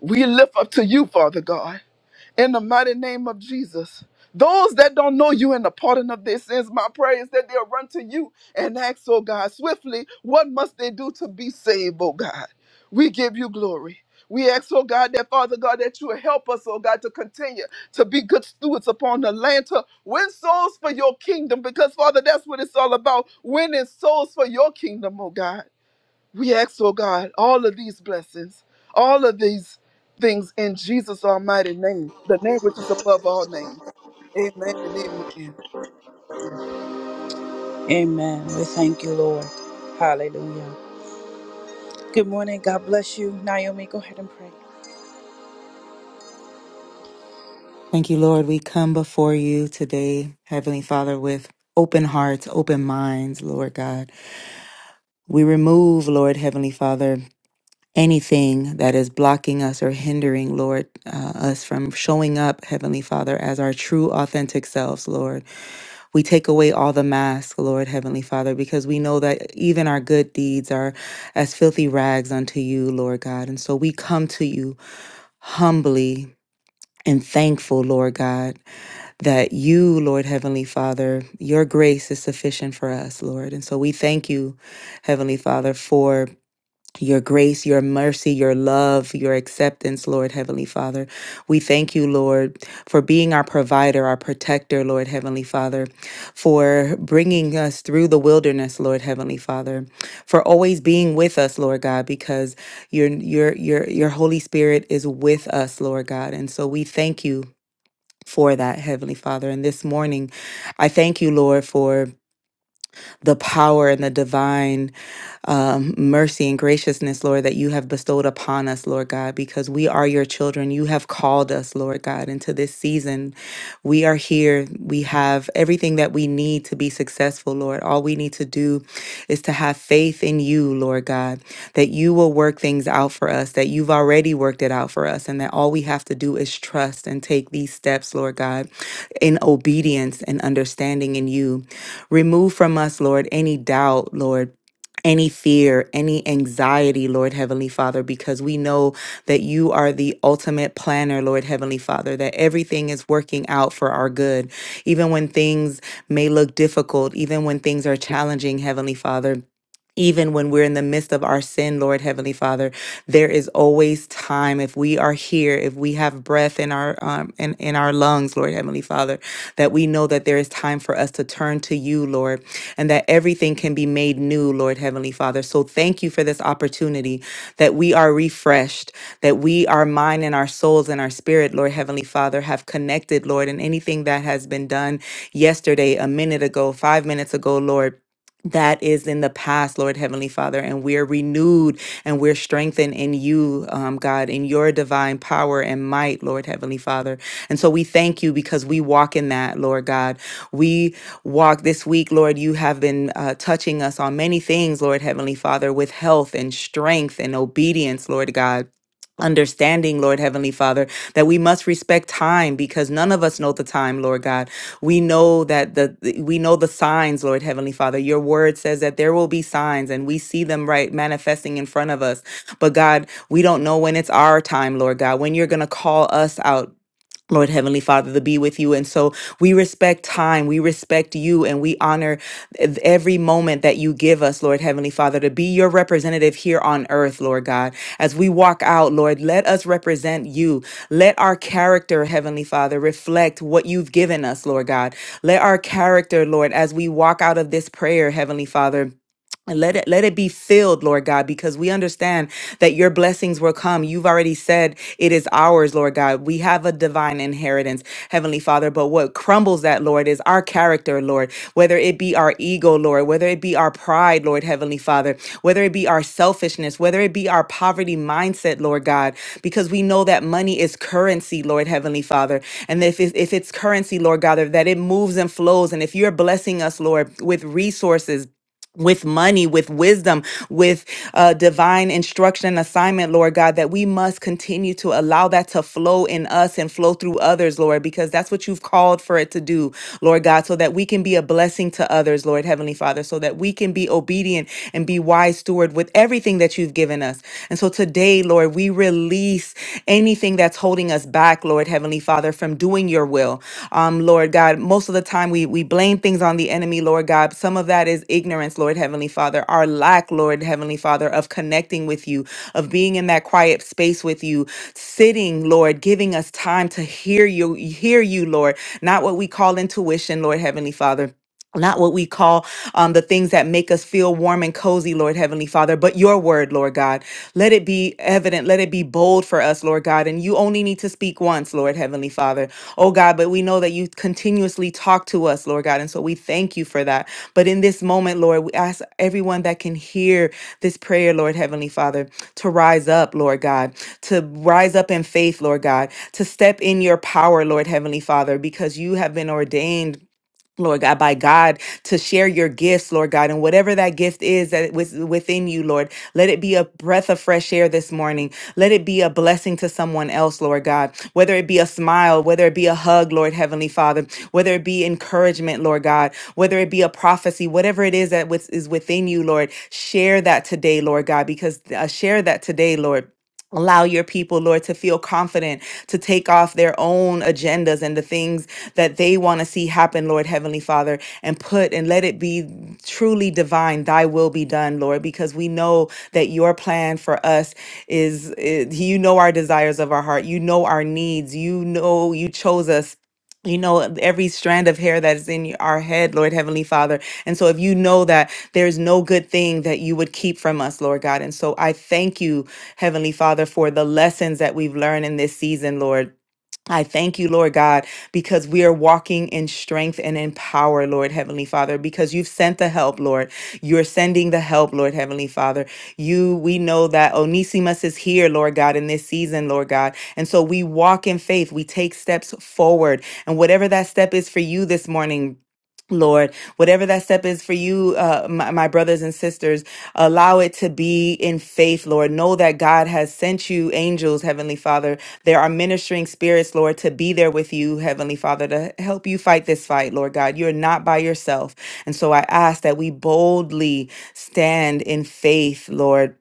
Speaker 7: we lift up to you, Father God in the mighty name of Jesus. Those that don't know you and the pardon of their sins, my prayer is that they'll run to you and ask, oh God, swiftly, what must they do to be saved, oh God? We give you glory. We ask, oh God, that Father God, that you will help us, oh God, to continue to be good stewards upon the land, to win souls for your kingdom, because Father, that's what it's all about, winning souls for your kingdom, oh God. We ask, oh God, all of these blessings, all of these things in Jesus' almighty name, the name which is above all names. Amen and amen.
Speaker 1: Amen. We thank you, Lord. Hallelujah. Good morning. God bless you. Naomi, go ahead and pray.
Speaker 8: Thank you, Lord. We come before you today, Heavenly Father, with open hearts, open minds, Lord God. We remove, Lord Heavenly Father, anything that is blocking us or hindering, Lord, uh, us from showing up, Heavenly Father, as our true, authentic selves, Lord. We take away all the masks, Lord Heavenly Father, because we know that even our good deeds are as filthy rags unto you, Lord God. And so we come to you humbly and thankful, Lord God that you, Lord Heavenly Father, your grace is sufficient for us, Lord. And so we thank you, Heavenly Father, for your grace, your mercy, your love, your acceptance, Lord Heavenly Father. We thank you, Lord, for being our provider, our protector, Lord Heavenly Father, for bringing us through the wilderness, Lord Heavenly Father, for always being with us, Lord God, because your your your your Holy Spirit is with us, Lord God. And so we thank you for that, Heavenly Father. And this morning, I thank you, Lord, for the power and the divine um, mercy and graciousness, Lord, that you have bestowed upon us, Lord God, because we are your children. You have called us, Lord God, into this season. We are here. We have everything that we need to be successful, Lord. All we need to do is to have faith in you, Lord God, that you will work things out for us, that you've already worked it out for us, and that all we have to do is trust and take these steps, Lord God, in obedience and understanding in you. Remove from us, Lord, any doubt, Lord any fear, any anxiety, Lord Heavenly Father, because we know that you are the ultimate planner, Lord Heavenly Father, that everything is working out for our good. Even when things may look difficult, even when things are challenging, Heavenly Father, even when we're in the midst of our sin, Lord Heavenly Father, there is always time. If we are here, if we have breath in our um, in, in our lungs, Lord Heavenly Father, that we know that there is time for us to turn to you, Lord, and that everything can be made new, Lord Heavenly Father. So thank you for this opportunity that we are refreshed, that we, our mind and our souls and our spirit, Lord Heavenly Father, have connected, Lord, and anything that has been done yesterday, a minute ago, five minutes ago, Lord that is in the past, Lord Heavenly Father, and we're renewed and we're strengthened in you, um, God, in your divine power and might, Lord Heavenly Father. And so we thank you because we walk in that, Lord God. We walk this week, Lord, you have been uh, touching us on many things, Lord Heavenly Father, with health and strength and obedience, Lord God. Understanding, Lord Heavenly Father, that we must respect time because none of us know the time, Lord God. We know that the the- we know the signs, Lord Heavenly Father. Your word says that there will be signs and we see them right manifesting in front of us. But God, we don't know when it's our time, Lord God, when you're going to call us out Lord Heavenly Father, to be with you. And so we respect time, we respect you, and we honor ev- every moment that you give us, Lord Heavenly Father, to be your representative here on earth, Lord God. As we walk out, Lord, let us represent you. Let our character, Heavenly Father, reflect what you've given us, Lord God. Let our character, Lord, as we walk out of this prayer, Heavenly Father, and Let it let it be filled, Lord God, because we understand that your blessings will come. You've already said it is ours, Lord God. We have a divine inheritance, Heavenly Father. But what crumbles that, Lord, is our character, Lord. Whether it be our ego, Lord, whether it be our pride, Lord, Heavenly Father, whether it be our selfishness, whether it be our poverty mindset, Lord God, because we know that money is currency, Lord, Heavenly Father, and if it's, if it's currency, Lord God, that it moves and flows, and if you're blessing us, Lord, with resources with money, with wisdom, with uh, divine instruction and assignment, Lord God, that we must continue to allow that to flow in us and flow through others, Lord, because that's what you've called for it to do, Lord God, so that we can be a blessing to others, Lord Heavenly Father, so that we can be obedient and be wise steward with everything that you've given us. And so today, Lord, we release anything that's holding us back, Lord Heavenly Father, from doing your will. Um, Lord God, most of the time we, we blame things on the enemy, Lord God. Some of that is ignorance, Lord Heavenly Father, our lack, Lord Heavenly Father, of connecting with you, of being in that quiet space with you, sitting, Lord, giving us time to hear you, hear you, Lord, not what we call intuition, Lord Heavenly Father not what we call um, the things that make us feel warm and cozy, Lord Heavenly Father, but your word, Lord God. Let it be evident, let it be bold for us, Lord God. And you only need to speak once, Lord Heavenly Father. Oh God, but we know that you continuously talk to us, Lord God. And so we thank you for that. But in this moment, Lord, we ask everyone that can hear this prayer, Lord Heavenly Father, to rise up, Lord God, to rise up in faith, Lord God, to step in your power, Lord Heavenly Father, because you have been ordained Lord God, by God, to share your gifts, Lord God, and whatever that gift is that was within you, Lord, let it be a breath of fresh air this morning. Let it be a blessing to someone else, Lord God. Whether it be a smile, whether it be a hug, Lord Heavenly Father, whether it be encouragement, Lord God, whether it be a prophecy, whatever it is that was, is within you, Lord, share that today, Lord God, because uh, share that today, Lord. Allow your people, Lord, to feel confident to take off their own agendas and the things that they want to see happen, Lord Heavenly Father, and put and let it be truly divine. Thy will be done, Lord, because we know that your plan for us is, is you know our desires of our heart, you know our needs, you know you chose us. You know every strand of hair that is in our head, Lord Heavenly Father. And so, if you know that there's no good thing that you would keep from us, Lord God. And so, I thank you, Heavenly Father, for the lessons that we've learned in this season, Lord I thank you, Lord God, because we are walking in strength and in power, Lord Heavenly Father, because you've sent the help, Lord. You're sending the help, Lord Heavenly Father. You, we know that Onesimus is here, Lord God, in this season, Lord God. And so we walk in faith, we take steps forward. And whatever that step is for you this morning, Lord, whatever that step is for you, uh, my, my brothers and sisters, allow it to be in faith, Lord. Know that God has sent you angels, Heavenly Father there are ministering spirits, Lord, to be there with you, Heavenly Father, to help you fight this fight, Lord God. You're not by yourself. And so I ask that we boldly stand in faith, Lord.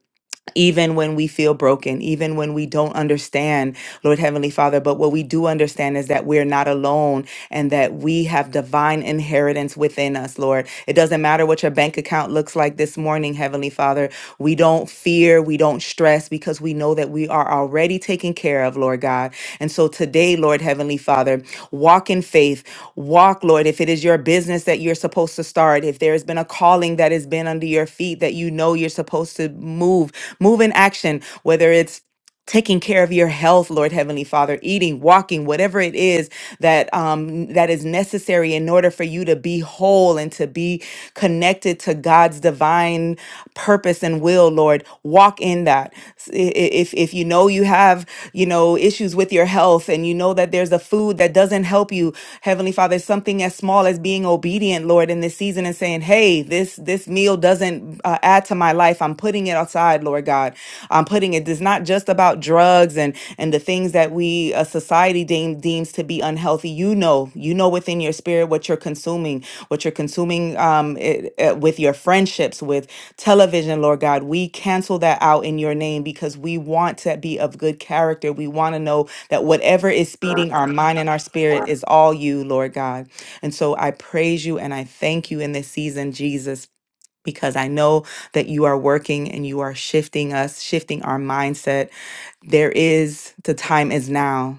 Speaker 8: Even when we feel broken, even when we don't understand, Lord Heavenly Father. But what we do understand is that we're not alone and that we have divine inheritance within us, Lord. It doesn't matter what your bank account looks like this morning, Heavenly Father. We don't fear, we don't stress because we know that we are already taken care of, Lord God. And so today, Lord Heavenly Father, walk in faith, walk, Lord, if it is your business that you're supposed to start, if there has been a calling that has been under your feet that you know you're supposed to move, move in action, whether it's taking care of your health lord heavenly father eating walking whatever it is that um that is necessary in order for you to be whole and to be connected to god's divine purpose and will lord walk in that S- i- i- if if you know you have you know issues with your health and you know that there's a food that doesn't help you heavenly father something as small as being obedient lord in this season and saying hey this this meal doesn't uh, add to my life i'm putting it outside lord god um, putting it is not just about drugs and and the things that we uh, society deem, deems to be unhealthy. You know, you know within your spirit what you're consuming, what you're consuming um, it, uh, with your friendships, with television, Lord God. We cancel that out in your name because we want to be of good character. We want to know that whatever is speeding our mind and our spirit is all you, Lord God. And so I praise you and I thank you in this season, Jesus because I know that you are working and you are shifting us, shifting our mindset. There is, the time is now.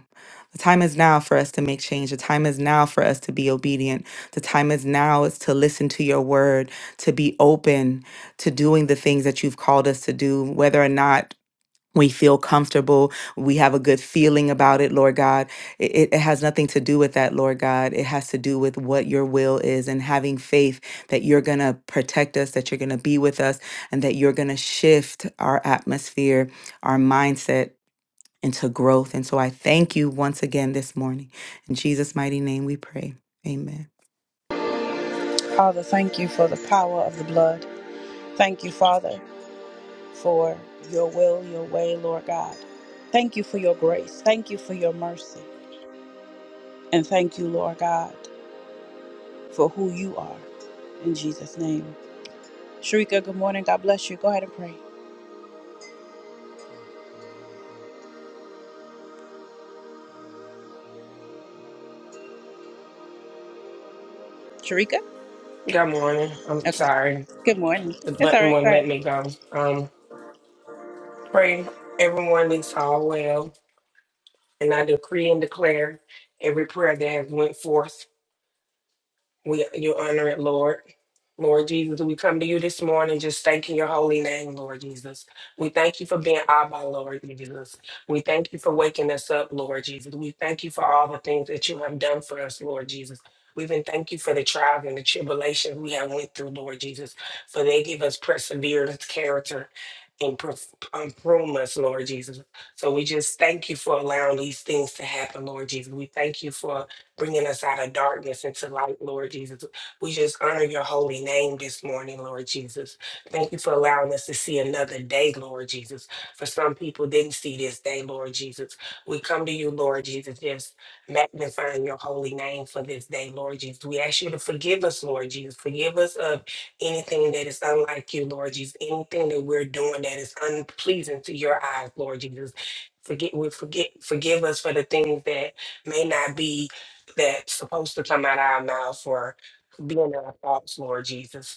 Speaker 8: The time is now for us to make change. The time is now for us to be obedient. The time is now is to listen to your word, to be open to doing the things that you've called us to do, whether or not we feel comfortable we have a good feeling about it lord god it, it it has nothing to do with that lord god it has to do with what your will is and having faith that you're going to protect us that you're going to be with us and that you're going to shift our atmosphere our mindset into growth and so i thank you once again this morning in jesus mighty name we pray amen
Speaker 1: Father, thank you for the power of the blood. Thank you, Father, for your will, your way, Lord God. Thank you for your grace. Thank you for your mercy. And thank you, Lord God, for who you are. In Jesus' name. Sharika, good morning. God bless you. Go ahead and pray. Sharika?
Speaker 9: Good morning. I'm
Speaker 1: Okay.
Speaker 9: sorry.
Speaker 1: Good morning.
Speaker 9: The
Speaker 1: It's all
Speaker 9: button
Speaker 1: right. Go
Speaker 9: won't
Speaker 1: ahead.
Speaker 9: let me go. Um, pray everyone is all well, and I decree and declare every prayer that has went forth We you honor it, Lord. Lord Jesus, we come to you this morning just thanking your holy name, Lord Jesus. We thank you for being Abba, Lord Jesus. We thank you for waking us up, Lord Jesus. We thank you for all the things that you have done for us, Lord Jesus. We even thank you for the trials and the tribulations we have went through, Lord Jesus, for they give us perseverance, character, and perf- um, prune us, Lord Jesus. So we just thank you for allowing these things to happen, Lord Jesus. We thank you for bringing us out of darkness into light, Lord Jesus. We just honor your holy name this morning, Lord Jesus. Thank you for allowing us to see another day, Lord Jesus. For some people didn't see this day, Lord Jesus. We come to you, Lord Jesus, just magnifying your holy name for this day, Lord Jesus. We ask you to forgive us, Lord Jesus. Forgive us of anything that is unlike you, Lord Jesus. Anything that we're doing that is unpleasing to your eyes, Lord Jesus. Forget, we forget, forgive us for the things that may not be that's supposed to come out of our mouth or being in our thoughts, Lord Jesus.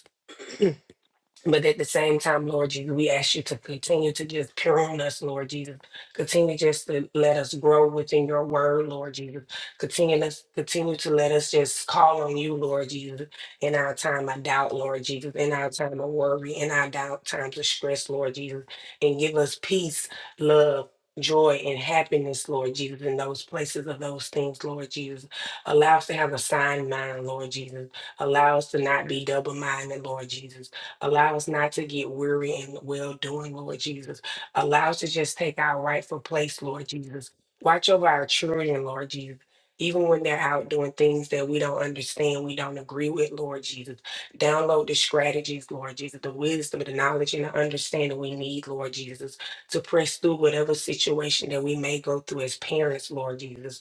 Speaker 9: But at the same time, Lord Jesus, we ask you to continue to just prune us, Lord Jesus. Continue just to let us grow within your word, Lord Jesus. Continue us, continue to let us just call on you, Lord Jesus, in our time of doubt, Lord Jesus, in our time of worry, in our doubt, times of stress, Lord Jesus, and give us peace, love. Joy and happiness, Lord Jesus, in those places of those things, Lord Jesus. Allow us to have a sound mind, Lord Jesus. Allow us to not be double minded, Lord Jesus Allow us not to get weary in well doing, Lord Jesus. Allow us to just take our rightful place, Lord Jesus. Watch over our children, Lord Jesus. Even when they're out doing things that we don't understand, we don't agree with, Lord Jesus. Download the strategies, Lord Jesus, the wisdom, the knowledge, and the understanding we need, Lord Jesus, to press through whatever situation that we may go through as parents, Lord Jesus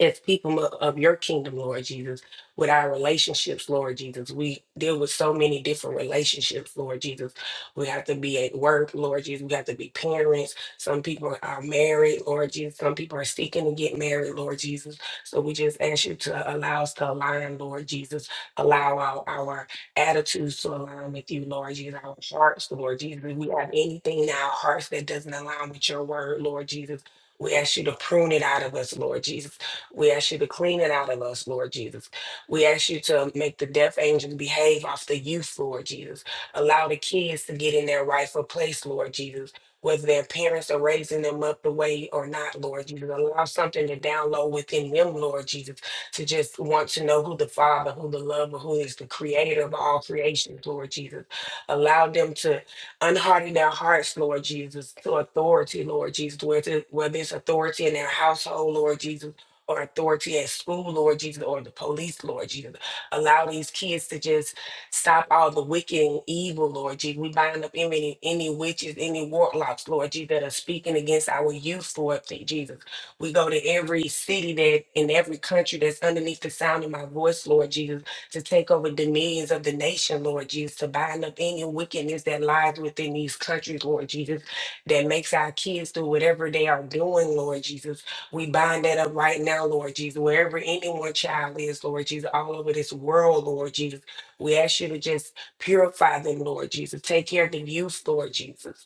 Speaker 9: as people of of your kingdom, Lord Jesus, with our relationships, Lord Jesus. We deal with so many different relationships, Lord Jesus. We have to be at work, Lord Jesus. We have to be parents. Some people are married, Lord Jesus. Some people are seeking to get married, Lord Jesus. So we just ask you to allow us to align, Lord Jesus. Allow our, our attitudes to align with you, Lord Jesus. Our hearts, Lord Jesus. If we have anything in our hearts that doesn't align with your word, Lord Jesus. We ask you to prune it out of us, Lord Jesus we ask you to clean it out of us, Lord Jesus. We ask you to make the deaf angels behave off the youth, Lord Jesus. Allow the kids to get in their rightful place, Lord Jesus. Whether their parents are raising them up the way or not, Lord Jesus, allow something to download within them, Lord Jesus, to just want to know who the Father, who the Lover, who is the Creator of all creations, Lord Jesus. Allow them to unharden their hearts, Lord Jesus, to authority, Lord Jesus, whether, whether it's authority in their household, Lord Jesus or authority at school, Lord Jesus, or the police, Lord Jesus. Allow these kids to just stop all the wicked and evil, Lord Jesus. We bind up any, any witches, any warlocks, Lord Jesus, that are speaking against our youth, Lord Jesus. We go to every city that in every country that's underneath the sound of my voice, Lord Jesus, to take over dominions of the nation, Lord Jesus, to bind up any wickedness that lies within these countries, Lord Jesus, that makes our kids do whatever they are doing, Lord Jesus. We bind that up right now, Lord Jesus, wherever anyone child is, Lord Jesus, all over this world, Lord Jesus. We ask you to just purify them, Lord Jesus. Take care of the youth, Lord Jesus.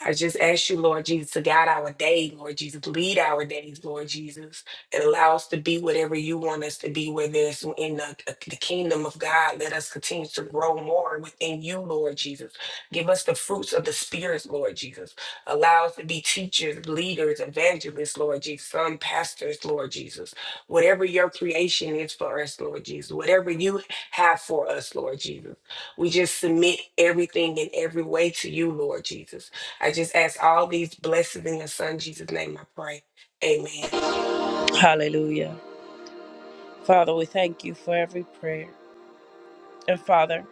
Speaker 9: I just ask you, Lord Jesus, to guide our day, Lord Jesus, lead our days, Lord Jesus, and allow us to be whatever you want us to be, whether it's in the, the kingdom of God. Let us continue to grow more within you, Lord Jesus. Give us the fruits of the spirits, Lord Jesus. Allow us to be teachers, leaders, evangelists, Lord Jesus, some pastors, Lord Jesus. Whatever your creation is for us, Lord Jesus, whatever you have for us, Lord Jesus. We just submit everything in every way to you, Lord Jesus. I just ask all these blessings in your son Jesus' name I pray. Amen.
Speaker 1: Hallelujah. Father, we thank you for every prayer. And Father,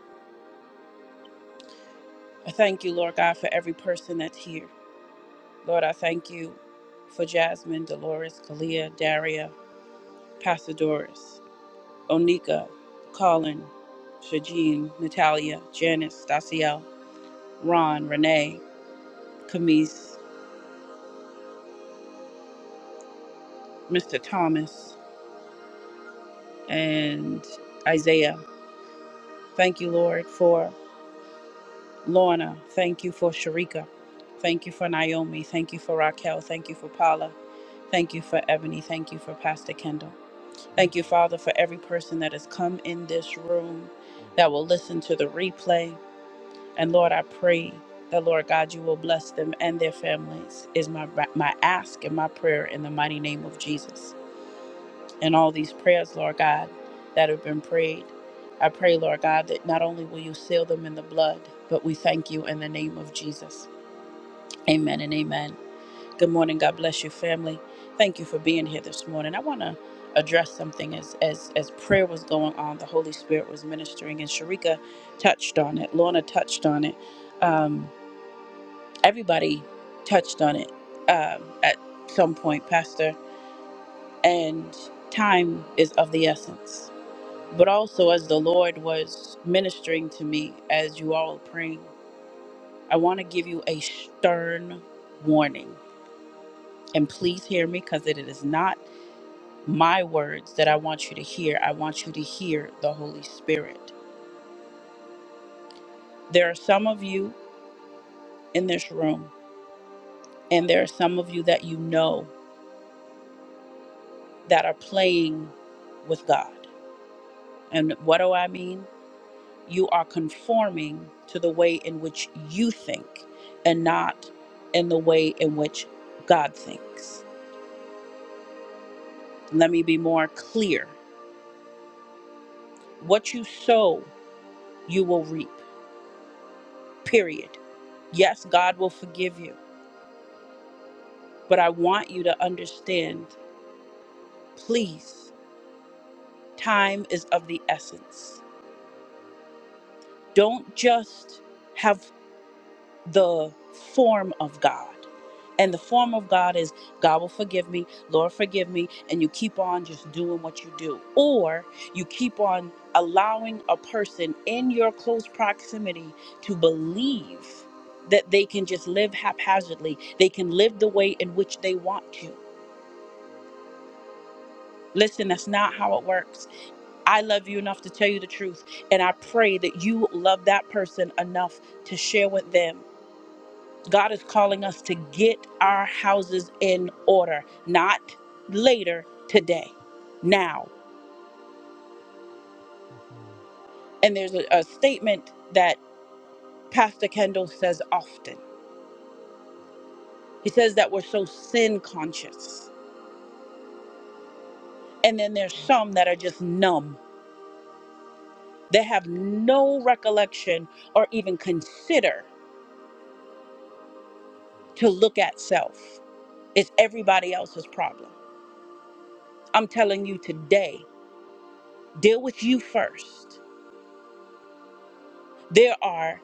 Speaker 1: I thank you, Lord God, for every person that's here. Lord, I thank you for Jasmine, Dolores, Kalia, Daria, Pastor Doris, Onika, Colin, Shajin, Natalia, Janice, Daciel, Ron, Renee, Camise, Mr. Thomas, and Isaiah. Thank you, Lord, for Lorna. Thank you for Sharika. Thank you for Naomi. Thank you for Raquel. Thank you for Paula. Thank you for Ebony. Thank you for Pastor Kendall. Thank you, Father, for every person that has come in this room that will listen to the replay. And Lord, I pray that, Lord God, you will bless them and their families, is my, my ask and my prayer in the mighty name of Jesus. And all these prayers, Lord God, that have been prayed, I pray, Lord God, that not only will you seal them in the blood, but we thank you in the name of Jesus. Amen and amen. Good morning. God bless you, family. Thank you for being here this morning. I want to address something as as as prayer was going on, the Holy Spirit was ministering, and Sharika touched on it. Lorna touched on it. Um, everybody touched on it um, at some point, Pastor. And time is of the essence. But also, as the Lord was ministering to me, as you all are praying, I want to give you a stern warning. And please hear me, because it is not my words that I want you to hear. I want you to hear the Holy Spirit. There are some of you in this room, and there are some of you that you know that are playing with God. And what do I mean? You are conforming to the way in which you think and not in the way in which God thinks. Let me be more clear. What you sow, you will reap, period. Yes, God will forgive you, but I want you to understand Please, time is of the essence. Don't just have the form of God. And the form of God is God will forgive me, Lord forgive me, and you keep on just doing what you do. Or you keep on allowing a person in your close proximity to believe that they can just live haphazardly, they can live the way in which they want to. Listen, that's not how it works. I love you enough to tell you the truth. And I pray that you love that person enough to share with them. God is calling us to get our houses in order, not later today, now. And there's a, a statement that Pastor Kendall says often. He says that we're so sin conscious. And then there's some that are just numb. They have no recollection or even consider to look at self. It's everybody else's problem. I'm telling you today, deal with you first. There are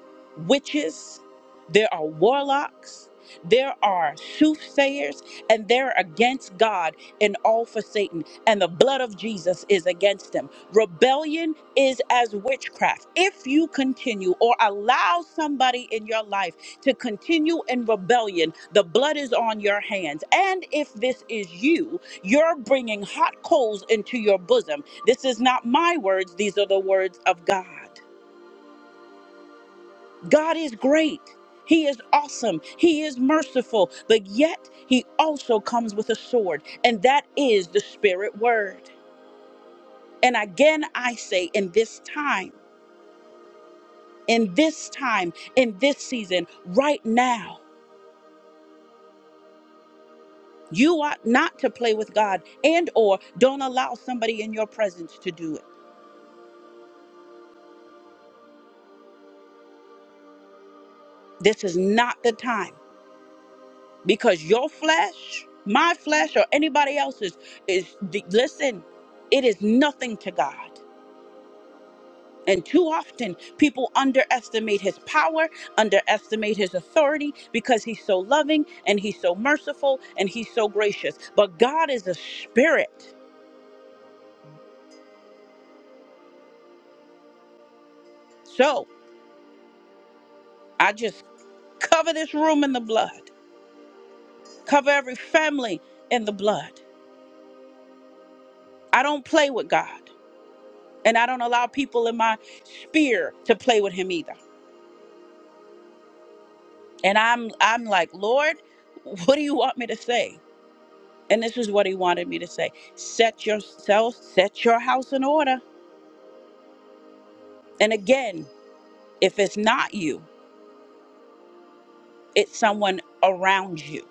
Speaker 1: witches, there are warlocks, there are soothsayers, and they're against God and all for Satan. And the blood of Jesus is against them. Rebellion is as witchcraft. If you continue or allow somebody in your life to continue in rebellion, the blood is on your hands. And if this is you, you're bringing hot coals into your bosom. This is not my words, these are the words of God. God is great. He is awesome. He is merciful. But yet, He also comes with a sword, and that is the Spirit Word. And again, I say, in this time, in this time, in this season, right now, you ought not to play with God and or don't allow somebody in your presence to do it. This is not the time because your flesh, my flesh or anybody else's is listen, it is nothing to God. And too often, people underestimate his power, underestimate his authority because he's so loving and he's so merciful and he's so gracious. But God is a spirit. So I just cover this room in the blood, cover every family in the blood. I don't play with God, and I don't allow people in my sphere to play with him either. And I'm, I'm like, Lord, what do you want me to say? And this is what he wanted me to say set yourself, set your house in order And again, if it's not you, it's someone around you.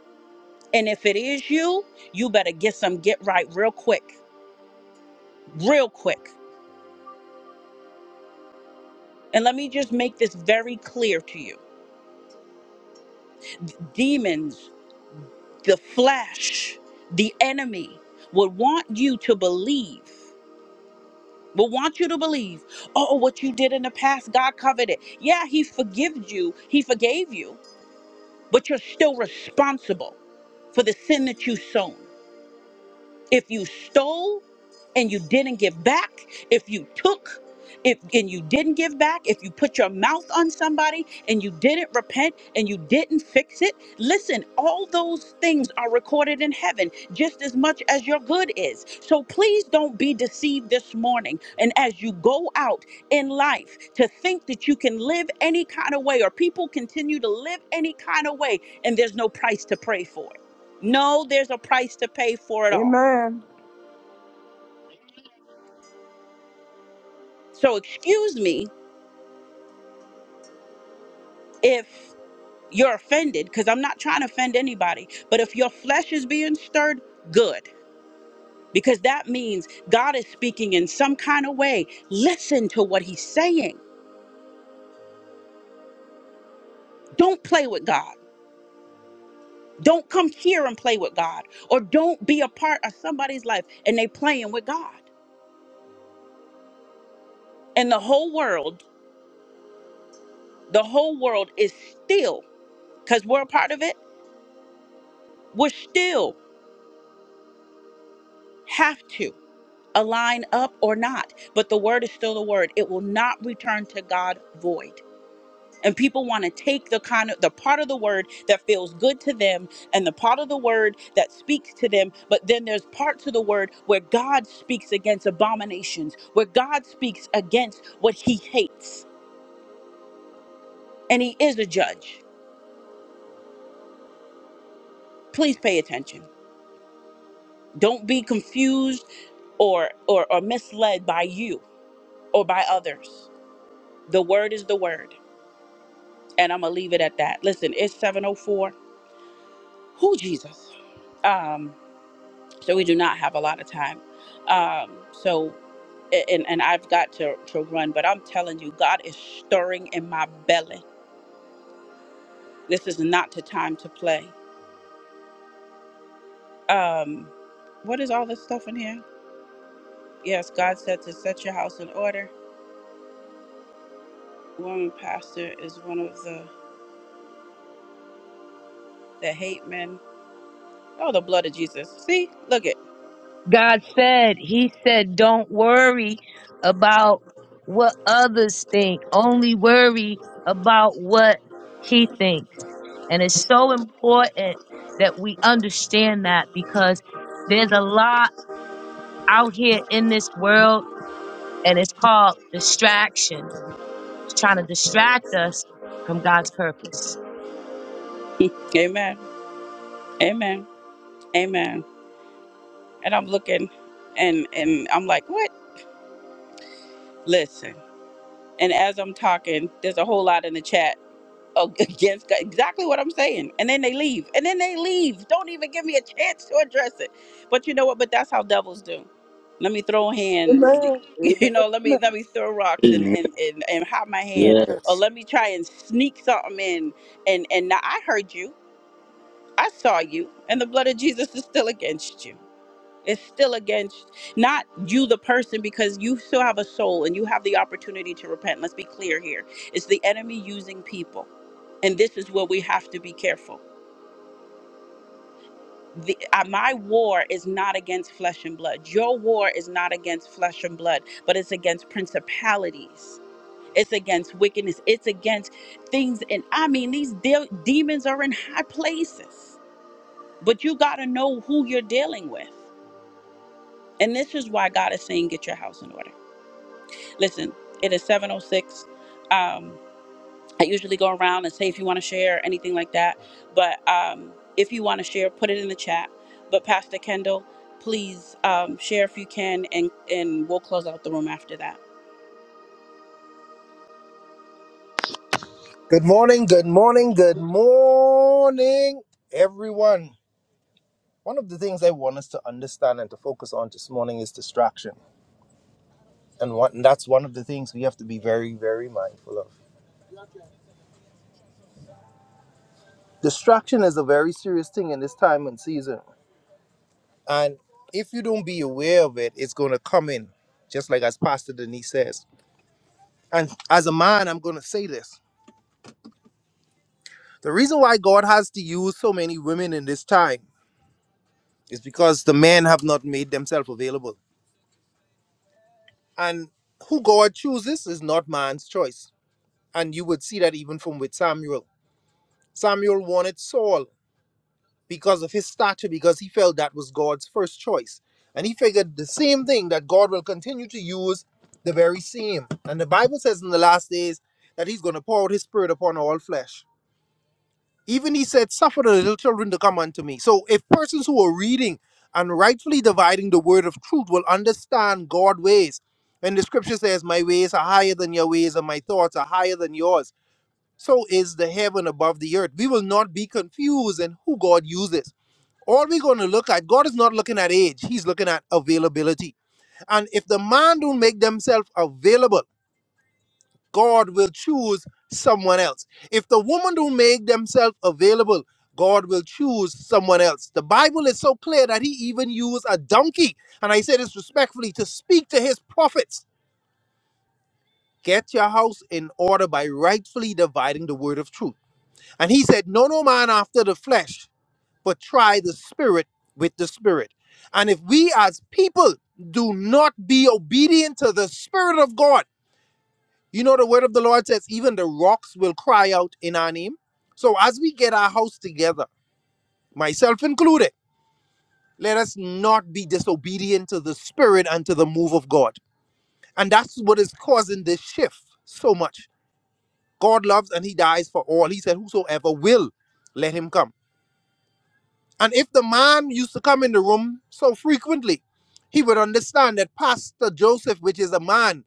Speaker 1: And if it is you, you better get some get right real quick, real quick. And let me just make this very clear to you demons, the flesh, the enemy would want you to believe, would want you to believe, oh, what you did in the past, God covered it. Yeah, He forgives you, He forgave you, but you're still responsible for the sin that you sown. If you stole and you didn't give back, if you took if and you didn't give back, if you put your mouth on somebody and you didn't repent and you didn't fix it, listen, all those things are recorded in heaven just as much as your good is. So please don't be deceived this morning. And as you go out in life to think that you can live any kind of way or people continue to live any kind of way and there's no price to pray for it. No, there's a price to pay for it all.
Speaker 7: Amen.
Speaker 1: So excuse me if you're offended, because I'm not trying to offend anybody. But if your flesh is being stirred, good. Because that means God is speaking in some kind of way. Listen to what he's saying. Don't play with God. Don't come here and play with God. Or don't be a part of somebody's life and they playing with God. And the whole world, the whole world is still, because we're a part of it, we still have to. align up or not, but the word is still the word. It will not return to God void. And people want to take the kind of the part of the word that feels good to them and the part of the word that speaks to them, but then there's parts of the word where God speaks against abominations, where God speaks against what he hates. And he is a judge. Please pay attention. Don't be confused or or, or misled by you or by others. The word is the word. and I'm gonna leave it at that. Listen, it's 704. Who Jesus? Um, so we do not have a lot of time. Um, so and and I've got to to run, but I'm telling you, God is stirring in my belly. This is not the time to play. Um, what is all this stuff in here? Yes, God said to set your house in order. Woman pastor is one of the the hate men. Oh, the blood of Jesus. See, look it.
Speaker 3: God said, He said, don't worry about what others think. Only worry about what He thinks. And it's so important that we understand that because there's a lot out here in this world and it's called distraction It's trying to distract us from God's purpose.
Speaker 1: Amen. Amen. Amen. and I'm looking and and I'm like, what? Listen. And as I'm talking, there's a whole lot in the chat against exactly what I'm saying. And then they leave. And then they leave. Don't even give me a chance to address it. But you know what? But that's how devils do. Let me throw hands.
Speaker 7: Amen.
Speaker 1: You know,
Speaker 7: Amen.
Speaker 1: let me let me throw rocks and
Speaker 10: Amen.
Speaker 1: and and, and hide my hand,
Speaker 10: Yes.
Speaker 1: or let me try and sneak something in. And and now I heard you, I saw you, and the blood of Jesus is still against you. it's still against not you the person because you still have a soul and you have the opportunity to repent let's be clear here it's the enemy using people and this is where we have to be careful the, uh, my war is not against flesh and blood your war is not against flesh and blood but it's against principalities it's against wickedness it's against things and i mean these de- demons are in high places but you got to know who you're dealing with and this is why god is saying get your house in order Listen, it is 706. Um, I usually go around and say if you want to share or anything like that. But um, if you want to share, put it in the chat. But Pastor Kendall, please um, share if you can, and, and we'll close out the room after that.
Speaker 6: Good morning, good morning, good morning, everyone. One of the things I want us to understand and to focus on this morning is distraction. And, one, and that's one of the things we have to be very, very mindful of. Distraction is a very serious thing in this time and season. And if you don't be aware of it, it's going to come in, just like as Pastor Denise says. And as a man, I'm going to say this The reason why God has to use so many women in this time is because the men have not made themselves available. And who God chooses is not man's choice. And you would see that even from with Samuel. Samuel wanted Saul because of his stature, because he felt that was God's first choice. And he figured the same thing that God will continue to use the very same. And the Bible says in the last days that he's going to pour out his spirit upon all flesh. Even he said, Suffer the little children to come unto me. So if persons who are reading and rightfully dividing the word of truth will understand God's ways, when the scripture says, My ways are higher than your ways, and my thoughts are higher than yours, so is the heaven above the earth. We will not be confused in who God uses. All we're going to look at, God is not looking at age, He's looking at availability. And if the man don't make themselves available, God will choose someone else. If the woman don't make themselves available, God will choose someone else. The Bible is so clear that he even used a donkey, and I say this respectfully, to speak to his prophets. Get your house in order by rightfully dividing the word of truth. And he said, No, no man after the flesh, but try the spirit with the spirit. And if we as people do not be obedient to the spirit of God, You know, the word of the Lord says, even the rocks will cry out in our name. So as we get our house together, myself included, let us not be disobedient to the Spirit and to the move of God. And that's what is causing this shift so much. God loves and He dies for all. He said, Whosoever will, let him come. And if the man used to come in the room so frequently, he would understand that Pastor Joseph, which is a man,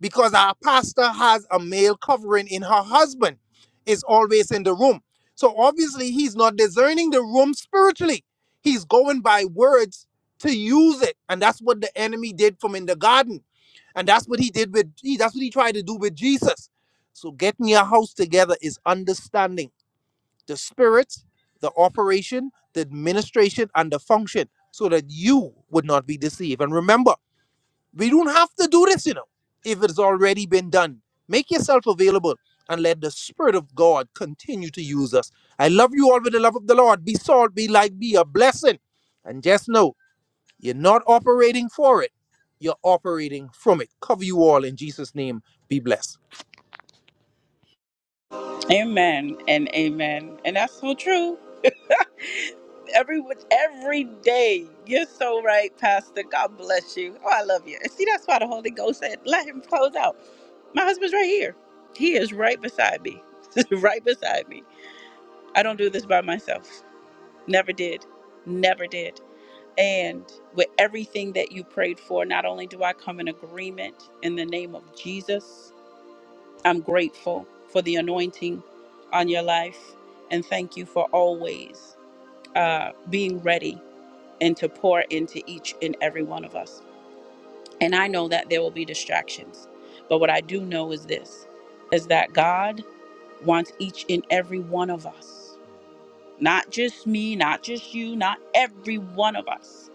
Speaker 6: because our pastor has a male covering in her husband is always in the room so obviously he's not discerning the room spiritually he's going by words to use it and that's what the enemy did from in the garden and that's what he did with he- that's what he tried to do with jesus so getting your house together is understanding the spirit the operation the administration and the function so that you would not be deceived and remember we don't have to do this, you know, if it's already been done. Make yourself available and let the Spirit of God continue to use us. I love you all with the love of the Lord. Be salt, be light, be a blessing. And just know you're not operating for it, you're operating from it. Cover you all in Jesus' name. Be blessed.
Speaker 1: Amen and amen. And that's so true. Every every day. You're so right, Pastor. God bless you. Oh, I love you. And see, that's why the Holy Ghost said, let him close out. My husband's right here. He is right beside me. right beside me. I don't do this by myself. Never did. Never did. And with everything that you prayed for, not only do I come in agreement in the name of Jesus, I'm grateful for the anointing on your life and thank you for always. uh, being ready and to pour into each and every one of us. And I know that there will be distractions, but what I do know is this is that God wants each and every one of us, not just me, not just you, not every one of us,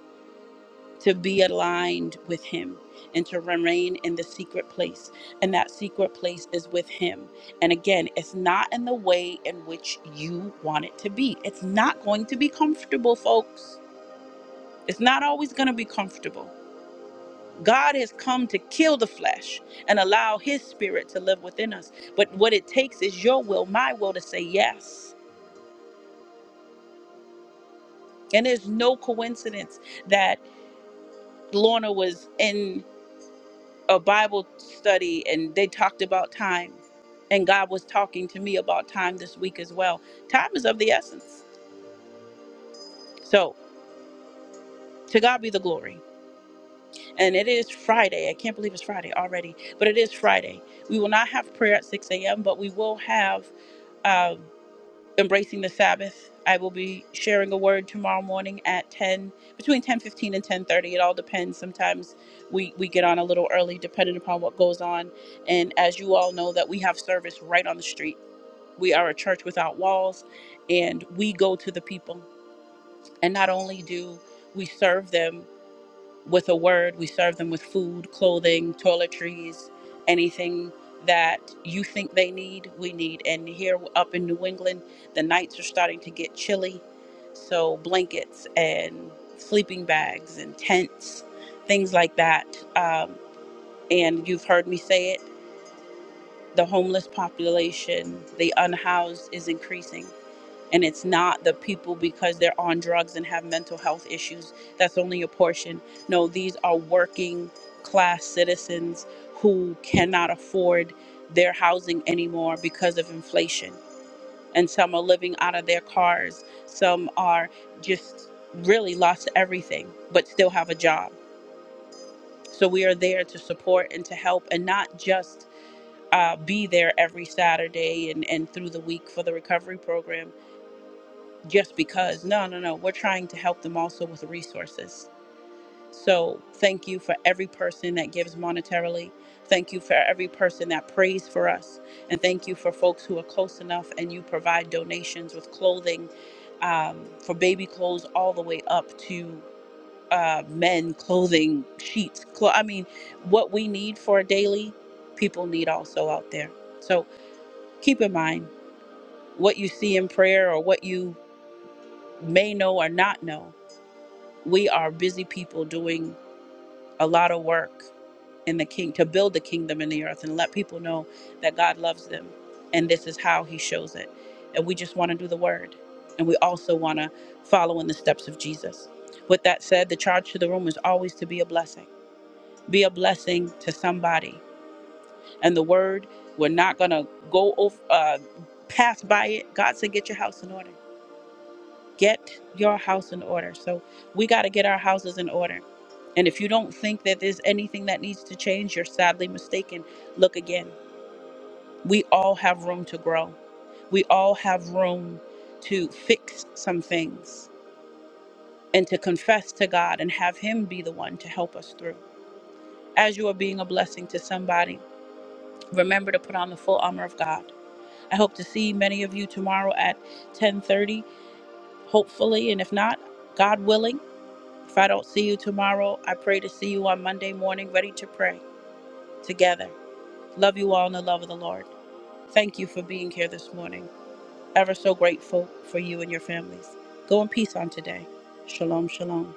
Speaker 1: to be aligned with Him and to remain in the secret place. And that secret place is with Him. And again, it's not in the way in which you want it to be, it's not going to be comfortable, folks. It's not always going to be comfortable. God has come to kill the flesh and allow his spirit to live within us. But what it takes is your will, my will to say yes. And there's no coincidence that Lorna was in a Bible study and they talked about time. And God was talking to me about time this week as well. Time is of the essence. So to God be the glory. And it is Friday. I can't believe it's Friday already, but it is Friday. We will not have prayer at 6 a.m., but we will have um, embracing the Sabbath. I will be sharing a word tomorrow morning at 10, between 10:15 and 10:30. It all depends. Sometimes we we get on a little early, depending upon what goes on. And as you all know, that we have service right on the street. We are a church without walls, and we go to the people. And not only do we serve them, with a word. We serve them with food, clothing, toiletries, anything that you think they need, we need. And here up in New England, the nights are starting to get chilly. So blankets and sleeping bags and tents, things like that. Um, and you've heard me say it the homeless population, the unhoused is increasing and it's not the people because they're on drugs and have mental health issues. That's only a portion. No, these are working class citizens who cannot afford their housing anymore because of inflation. And some are living out of their cars, some are just really lost everything, but still have a job. So we are there to support and to help and not just. Uh, be there every Saturday and, and through the week for the recovery program just because. No, no, no. We're trying to help them also with resources. So thank you for every person that gives monetarily. Thank you for every person that prays for us. And thank you for folks who are close enough and you provide donations with clothing um, for baby clothes all the way up to uh, men clothing, sheets. Clo- I mean, what we need for a daily, people need also out there. So keep in mind what you see in prayer or what you may know or not know we are busy people doing a lot of work in the king to build the kingdom in the earth and let people know that God loves them and this is how he shows it. And we just want to do the word and we also want to follow in the steps of Jesus. With that said, the charge to the room is always to be a blessing. Be a blessing to somebody. And the word, we're not going to go over uh pass by it. God said get your house in order get your house in order. So we got to get our houses in order. And if you don't think that there's anything that needs to change, you're sadly mistaken. Look again. We all have room to grow. We all have room to fix some things and to confess to God and have Him be the one to help us through. As you are being a blessing to somebody, remember to put on the full armor of God. I hope to see many of you tomorrow at 10:30, hopefully, and if not, God willing. If I don't see you tomorrow, I pray to see you on Monday morning, ready to pray together. Love you all in the love of the Lord. Thank you for being here this morning. Ever so grateful for you and your families. Go in peace on today. Shalom, shalom.